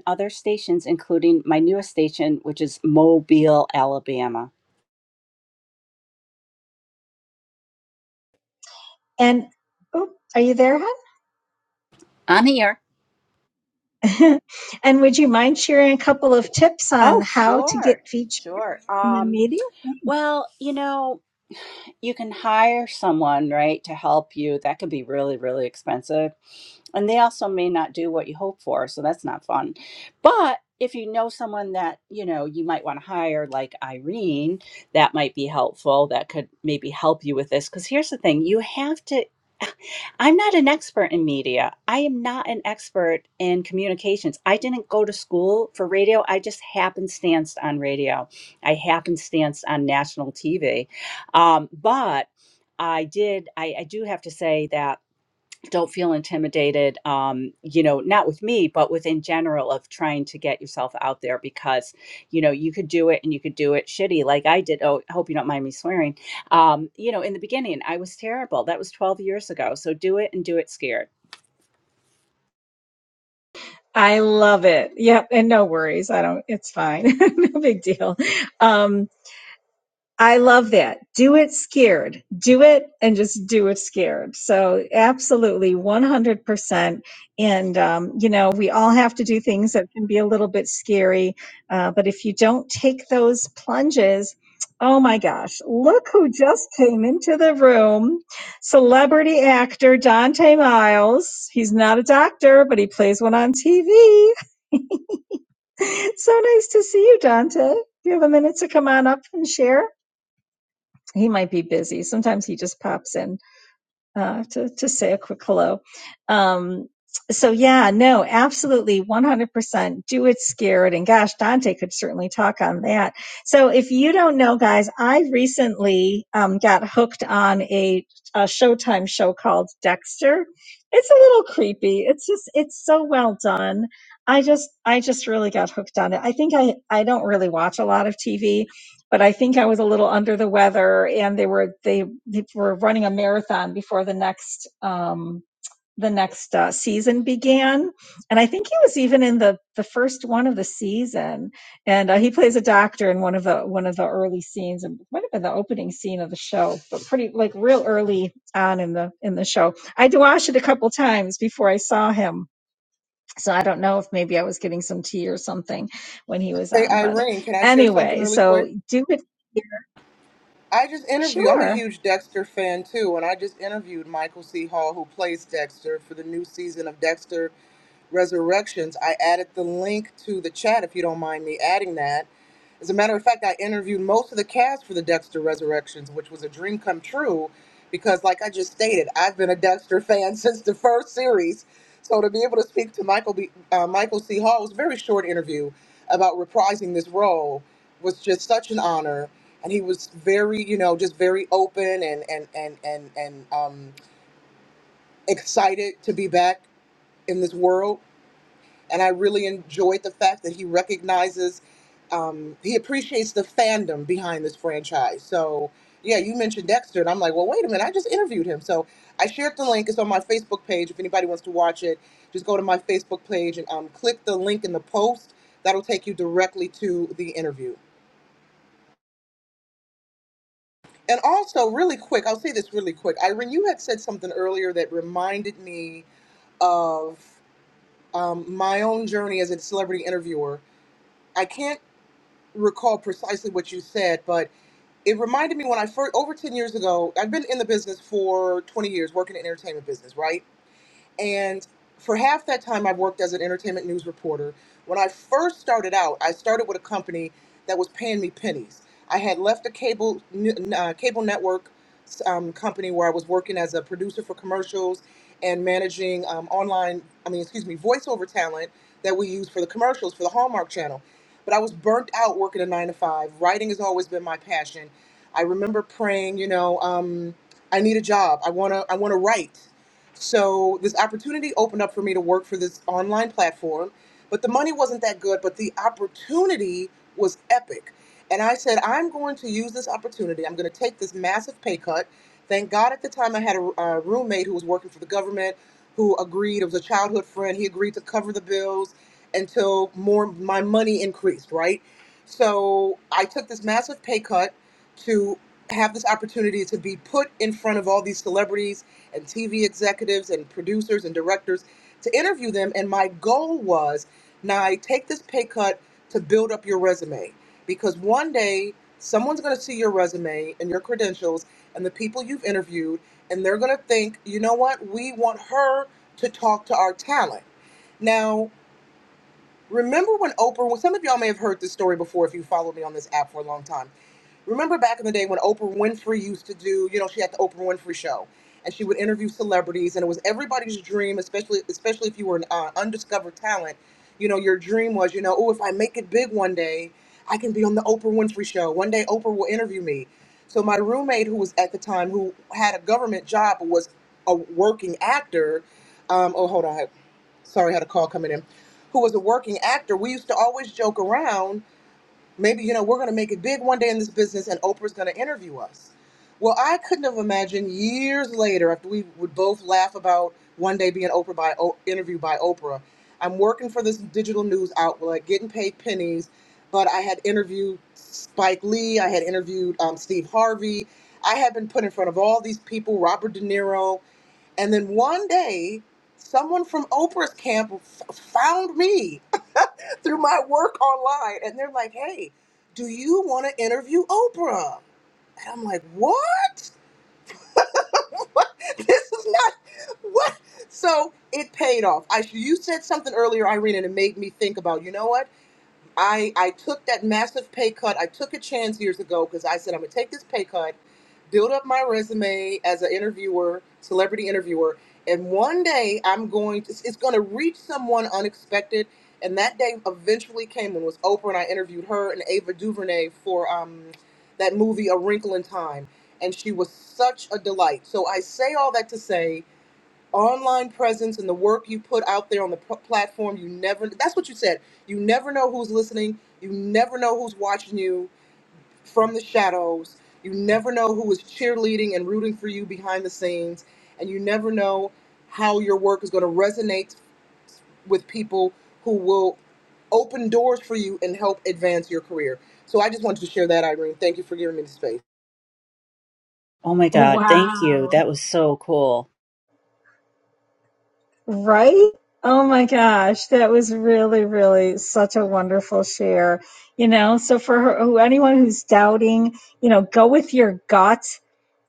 other stations, including my newest station, which is Mobile, Alabama. And oh, are you there, I'm here. hon? (laughs) and would you mind sharing a couple of tips on Oh, how to sure. get featured? Sure. In the Um, media? Thanks. well, you know, you can hire someone, right, to help you. That can be really, really expensive And they also may not do what you hope for, so that's not fun. But if you know someone that, you know, you might want to hire like Irene, that might be helpful. That could maybe help you with this cuz here's the thing, you have to (sighs) I'm not an expert in media. I am not an expert in communications. I didn't go to school for radio. I just happenstanced on radio. I happenstanced on national TV. Um, but I did, I, I do have to say that don't feel intimidated um you know not with me but with in general of trying to get yourself out there because you know you could do it and you could do it shitty like i did oh i hope you don't mind me swearing um you know in the beginning i was terrible that was 12 years ago so do it and do it scared I love it. Yep. And no worries. I don't, it's fine. (laughs) No big deal. Um, I love that. Do it scared. Do it and just do it scared. So, absolutely 100%. And, um, you know, we all have to do things that can be a little bit scary. Uh, but if you don't take those plunges, oh my gosh, look who just came into the room celebrity actor Dante Miles. He's not a doctor, but he plays one on TV. (laughs) so nice to see you, Dante. Do you have a minute to come on up and share? he might be busy. Sometimes he just pops in uh, to to say a quick hello. Um, so yeah, no, absolutely, 100% and do it scared. And gosh, Dante could certainly talk on that. So if you don't know, guys, I recently um, got hooked on a, a Showtime show called Dexter. It's a little creepy. It's just, it's so well done. I just, I just really got hooked on it. I think I, I don't really watch a lot of TV, but I think I was a little under the weather and they were, they, they were running a marathon before the next, um, the next uh, season began, and I think he was even in the the first one of the season. And uh, he plays a doctor in one of the one of the early scenes, and might have been the opening scene of the show, but pretty like real early on in the in the show. I had to watch it a couple times before I saw him, so I don't know if maybe I was getting some tea or something when he was Hey, on. But uh, Irene, can I share something anyway, really so quick? do it. I just interviewed. I'm a Sure. huge Dexter fan too, and I just interviewed Michael C. Hall, who plays Dexter for the new season of Dexter Resurrections. I added the link to the chat if you don't mind me adding that. As a matter of fact, I interviewed most of the cast for the Dexter Resurrections, which was a dream come true because, like I just stated, I've been a Dexter fan (laughs) since the first series. So to be able to speak to Michael, B, uh, Michael C. Hall it was a very short interview about reprising this role was just such an honor. And he was very, you know, just very open and and and and and um, excited to be back in this world and I really enjoyed the fact that he recognizes, um, he appreciates the fandom behind this franchise. So, yeah, you mentioned Dexter, and I'm like, well, wait a minute, I just interviewed him. So I shared the link. It's on my Facebook page. If anybody wants to watch it, just go to my Facebook page and um, click the link in the post. That'll take you directly to the interview. And also, really quick, I'll say this really quick. Irene, you had said something earlier that reminded me of um, my own journey as a celebrity interviewer. I can't. recall precisely what you said, but it reminded me when I first, over 10 years ago, I've been in the business for 20 years, working in entertainment business, right? And for half that time, I've worked as an entertainment news reporter. When I first started out, I started with a company that was paying me pennies. I had left a cable n- uh, cable network um, company where I was working as a producer for commercials and managing um, online, I mean, excuse me, voiceover talent that we use for the commercials for the Hallmark Channel. But I was burnt out working a nine to five. Writing has always been my passion. I remember praying, you know, um, I need a job. I wanna, I wanna write. So this opportunity opened up for me to work for this online platform, but the money wasn't that good, but the opportunity was epic. And I said, I'm going to use this opportunity. I'm going to take this massive pay cut. Thank God at the time I had a, a roommate who was working for the government who agreed, it was a childhood friend, he agreed to cover the bills until more my money increased, right? So I took this massive pay cut to have this opportunity to be put in front of all these celebrities and TV executives and producers and directors to interview them. And my goal was, Nye, take this pay cut to build up your resume because one day someone's going to see your resume and your credentials and the people you've interviewed, and they're going to think, you know what, we want her to talk to our talent. Now, Remember when Oprah, well, some of y'all may have heard this story before if you followed me on this app for a long time. Remember back in the day when Oprah Winfrey used to do, you know, she had the Oprah Winfrey show and she would interview celebrities and it was everybody's dream, especially especially if you were an uh, undiscovered talent, you know, your dream was, you know, oh, if I make it big one day, I can be on the Oprah Winfrey show. One day Oprah will interview me. So my roommate who was at the time who had a government job was a working actor, um, oh, hold on. Sorry, I had a call coming in who was a working actor, we used to always joke around, maybe, you know, we're going to make it big one day in this business and Oprah's going to interview us. Well, I couldn't have imagined years later, after we would both laugh about one day being Oprah by o- interviewed by Oprah, I'm working for this digital news outlet, getting paid pennies, but I had interviewed Spike Lee, I had interviewed um, Steve Harvey, I had been put in front of all these people, Robert De Niro, and then one day, someone from Oprah's camp f- found me through my work online. And they're like, hey, do you want to interview Oprah? And I'm like, what? (laughs) What? this is not (laughs) what. So it paid off. I you said something earlier, Irene, and it made me think about. You know what? I I took that massive pay cut. I took a chance years ago because I said I'm gonna take this pay cut, build up my resume as an interviewer, celebrity interviewer, and one day I'm going to it's gonna reach someone unexpected. And that day eventually came and was Oprah and I interviewed her and Ava DuVernay for um that movie A Wrinkle in Time. And she was such a delight. So I say all that to say online presence and the work you put out there on the p- platform you never that's what you said you never know who's listening you never know who's watching you from the shadows you never know who is cheerleading and rooting for you behind the scenes and you never know how your work is going to resonate with people who will open doors for you and help advance your career so i just wanted to share that irene thank you for giving me the space Oh my Oh, God, thank you. Wow. That was so cool. Right? Oh my gosh, that was really, really such a wonderful share. You know, so for her, anyone who's doubting, you know, go with your gut.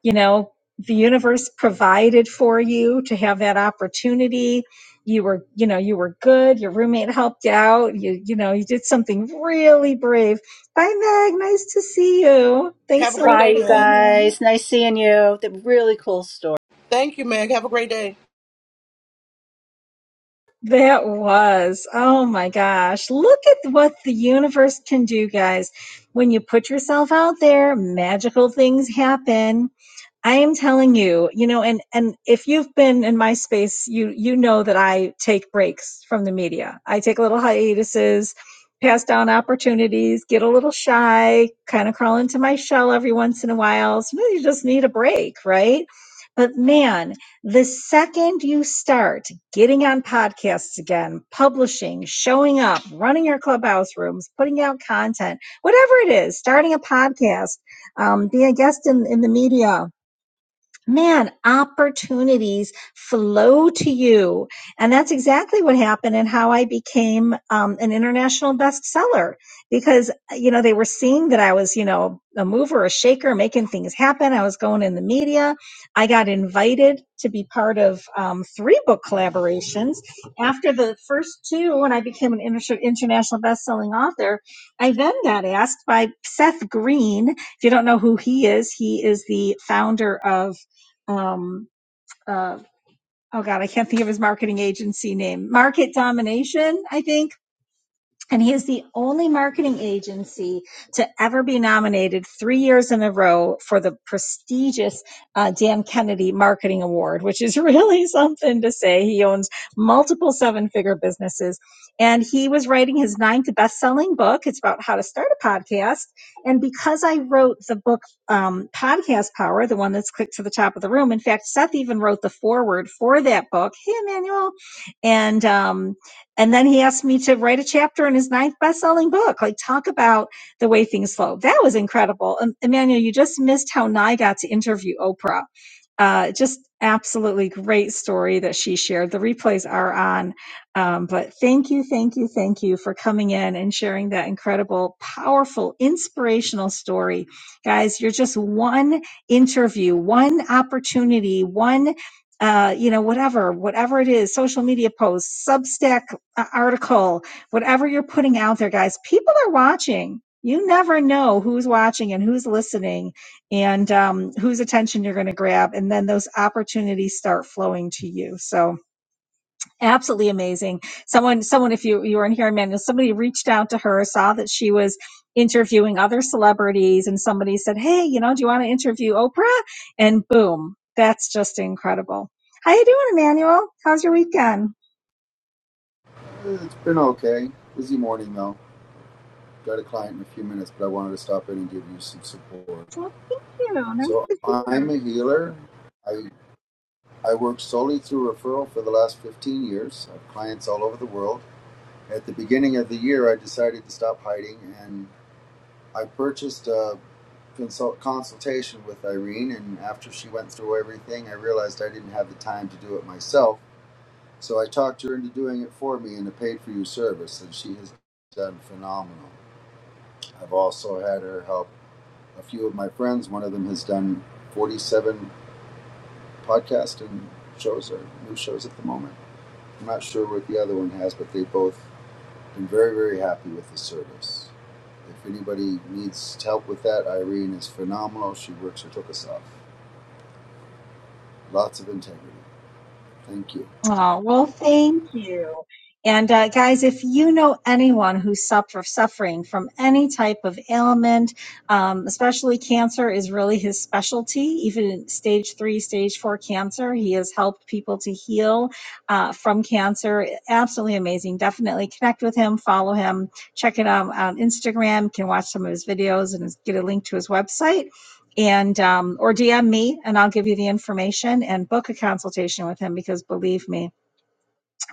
You know, the universe provided for you to have that opportunity. You were, you know, you were good. Your roommate helped out. You, you know, you did something really brave. Bye, Meg. Nice to see you. Thanks have a so great much Bye, day for you meg coming on. guys. Nice seeing you. That really cool story. thank you meg have a great day That was. Oh my gosh. Look at what the universe can do, guys. When you put yourself out there, magical things happen. I am telling you, you know, and and if you've been in my space, you you know that I take breaks from the media. I take little hiatuses, pass down opportunities, get a little shy, kind of crawl into my shell every once in a while. Sometimes you just need a break, right? But man, the second you start getting on podcasts again, publishing, showing up, running your clubhouse rooms, putting out content, whatever it is, starting a podcast, um, being a guest in, in the media, man, opportunities flow to you. And that's exactly what happened and how I became um, an international bestseller because, you know, they were seeing that I was, you know, a mover, a shaker, making things happen. I was going in the media. I got invited to be part of um, three book collaborations. After the first two, when I became an inter- international best-selling author, I then got asked by Seth Green if you don't know who he is, he is the founder of um, uh, oh God, I can't think of his marketing agency name. Market Domination, I think and he is the only marketing agency to ever be nominated three years in a row for the prestigious uh, Dan Kennedy Marketing Award, which is really (laughs) something to say. He owns multiple seven figure businesses. And he was writing his ninth best selling book. It's about how to start a podcast. And because I wrote the book, um, Podcast Power, the one that's clicked to the top of the room, in fact, Seth even wrote the foreword for that book. Hey, Emmanuel. And, um, and then he asked me to write a chapter in his ninth best-selling book. Like, talk about the way things flow. That was incredible. Um, Emmanuel, you just missed how Nye got to interview Oprah. Uh, just absolutely great story that she shared. The replays are on. Um, but thank you, thank you, thank you for coming in and sharing that incredible, powerful, inspirational story. Guys, you're just one interview, one opportunity, one uh, you know, whatever, whatever it is, social media posts, Substack article, whatever you're putting out there, guys, people are watching. You never know who's watching and who's listening and um, whose attention you're going to grab. And then those opportunities start flowing to you. So absolutely amazing. Someone, someone, if you, you were in here, Amanda, somebody reached out to her, saw that she was interviewing other celebrities and somebody said, Hey, you know, do you want to interview Oprah? And boom, that's just incredible. How you doing, Emmanuel? How's your weekend? It's been okay. Busy morning though. Got a client in a few minutes, but I wanted to stop in and give you some support. Well, thank you. Nice So to see I'm you. a healer. I I work solely through referral for the last 15 years. I have clients all over the world. At the beginning of the year, I decided to stop hiding, and I purchased a consult consultation with Irene. And after she went through everything, I realized I didn't have the time to do it myself. So I talked her into doing it for me in a paid-for-you service, and she has done phenomenal. I've also had her help a few of my friends. One of them has done 47 podcasting shows or new shows at the moment. I'm not sure what the other one has, but they've both been very, very happy with the service. If anybody needs help with that, Irene is phenomenal. She works her took us off. Lots of integrity. Thank you. Oh, well, thank you. And uh, guys, if you know anyone who's suffer, suffering from any type of ailment, um, especially cancer is really his specialty, even in stage three, stage four cancer. He has helped people to heal uh, from cancer. Absolutely amazing. Definitely connect with him, follow him, check it out on Instagram. You can watch some of his videos and get a link to his website and um, or DM me and I'll give you the information and book a consultation with him because believe me,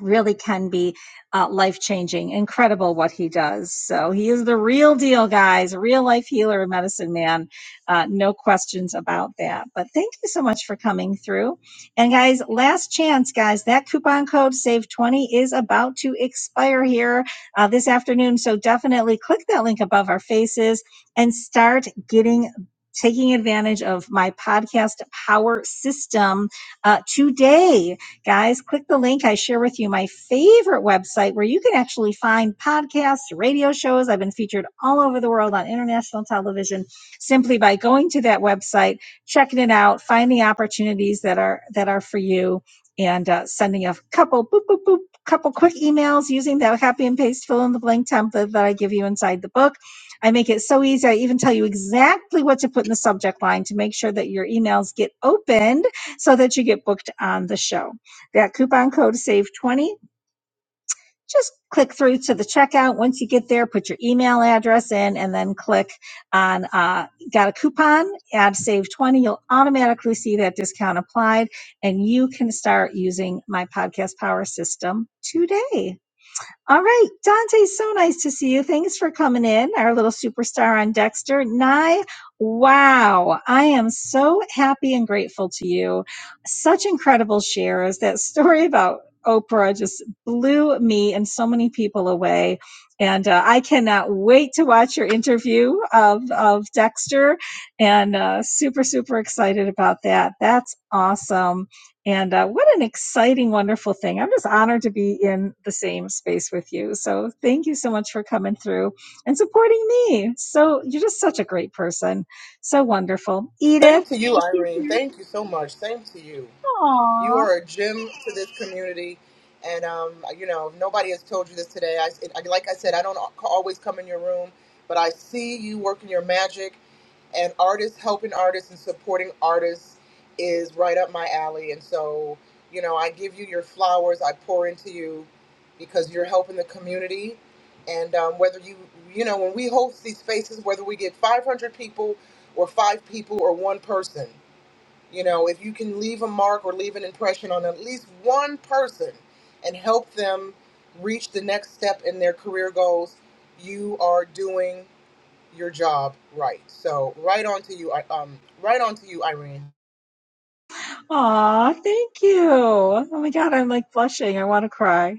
really can be uh, life changing. Incredible what he does. So he is the real deal, guys, real life healer and medicine man. Uh, no questions about that. But thank you so much for coming through. And guys, last chance, guys, that coupon code SAVE20 is about to expire here uh, this afternoon. So definitely click that link above our faces and start getting. Taking advantage of my podcast power system uh, today Guys, click the link I share with you my favorite website where you can actually find podcasts, radio shows. I've been featured all over the world on international television simply by going to that website, checking it out, finding opportunities that are that are for you and uh, sending a couple boop boop boop couple quick emails using that copy and paste fill in the blank template that I give you inside the book. I make it so easy. I even tell you exactly what to put in the subject line to make sure that your emails get opened so that you get booked on the show. That coupon code SAVE20. Just click through to the checkout. Once you get there, put your email address in and then click on uh, Got a Coupon, add SAVE20. You'll automatically see that discount applied and you can start using my podcast power system today. All right, Dante, so nice to see you. Thanks for coming in, our little superstar on Dexter. Nye, wow, I am so happy and grateful to you. Such incredible shares. That story about Oprah just blew me and so many people away. And uh, I cannot wait to watch your interview of, of Dexter and uh, super, super excited about that. That's awesome. And uh, what an exciting, wonderful thing. I'm just honored to be in the same space with you. So thank you so much for coming through and supporting me. So you're just such a great person. So wonderful. Edith, same to you thank you for. irene thank you so much same to you Aww. You are a gem to this community. And, um, you know, if nobody has told you this today. I, it, I- like I said, I don't al- always come in your room, but I see you working your magic. And artists helping artists and supporting artists is right up my alley. And so, you know, I give you your flowers, I pour into you because you're helping the community. And um, whether you, you know, when we host these spaces, whether we get 500 people or five people or one person, you know, if you can leave a mark or leave an impression on at least one person and help them reach the next step in their career goals, you are doing your job right. So, right on to you, I- um, right on to you, Irene. Aw, thank you. Oh my God, I'm like blushing. I want to cry.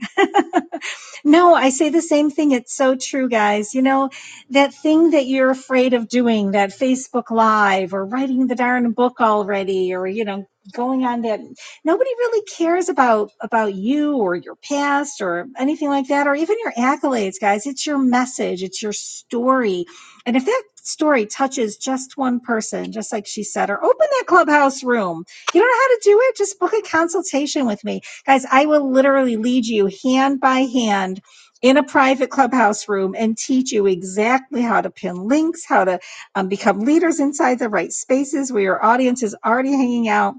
(laughs) no, I say the same thing. It's so true, guys. You know, that thing that you're afraid of doing, that Facebook Live or writing the darn book already, or, you know, going on that nobody really cares about about you or your past or anything like that or even your accolades guys it's your message it's your story and if that story touches just one person just like she said or open that clubhouse room you don't know how to do it? Just book a consultation with me. Guys, I will literally lead you hand by hand in a private clubhouse room and teach you exactly how to pin links, how to um, become leaders inside the right spaces where your audience is already hanging out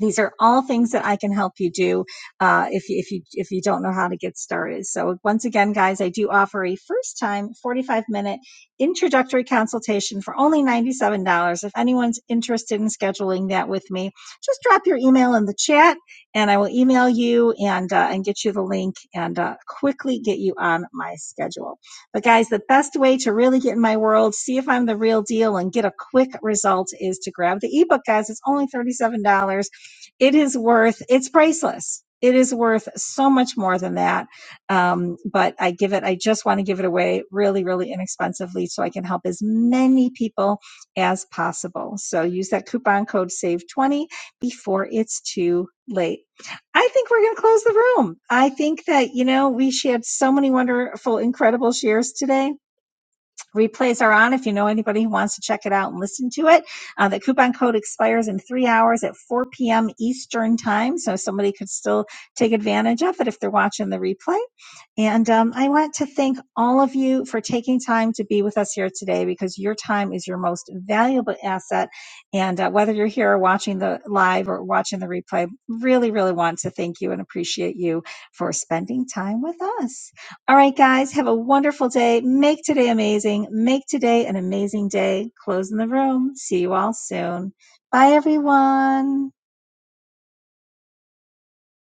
these are all things that I can help you do uh, if you, if you if you don't know how to get started. So once again, guys, I do offer a first time 45 minute introductory consultation for only $97. If anyone's interested in scheduling that with me, just drop your email in the chat, and I will email you and uh, and get you the link and uh, quickly get you on my schedule. But guys, the best way to really get in my world, see if I'm the real deal, and get a quick result is to grab the ebook, guys. It's only $37 it is worth it's priceless it is worth so much more than that um, but i give it i just want to give it away really really inexpensively so i can help as many people as possible so use that coupon code save 20 before it's too late i think we're going to close the room i think that you know we shared so many wonderful incredible shares today Replays are on if you know anybody who wants to check it out and listen to it. Uh, the coupon code expires in three hours at 4 p.m. Eastern time, so somebody could still take advantage of it if they're watching the replay. And um, I want to thank all of you for taking time to be with us here today because your time is your most valuable asset. And uh, whether you're here or watching the live or watching the replay, really, really want to thank you and appreciate you for spending time with us. All right, guys, have a wonderful day. Make today amazing. Make today an amazing day. Closing the room. See you all soon. Bye, everyone.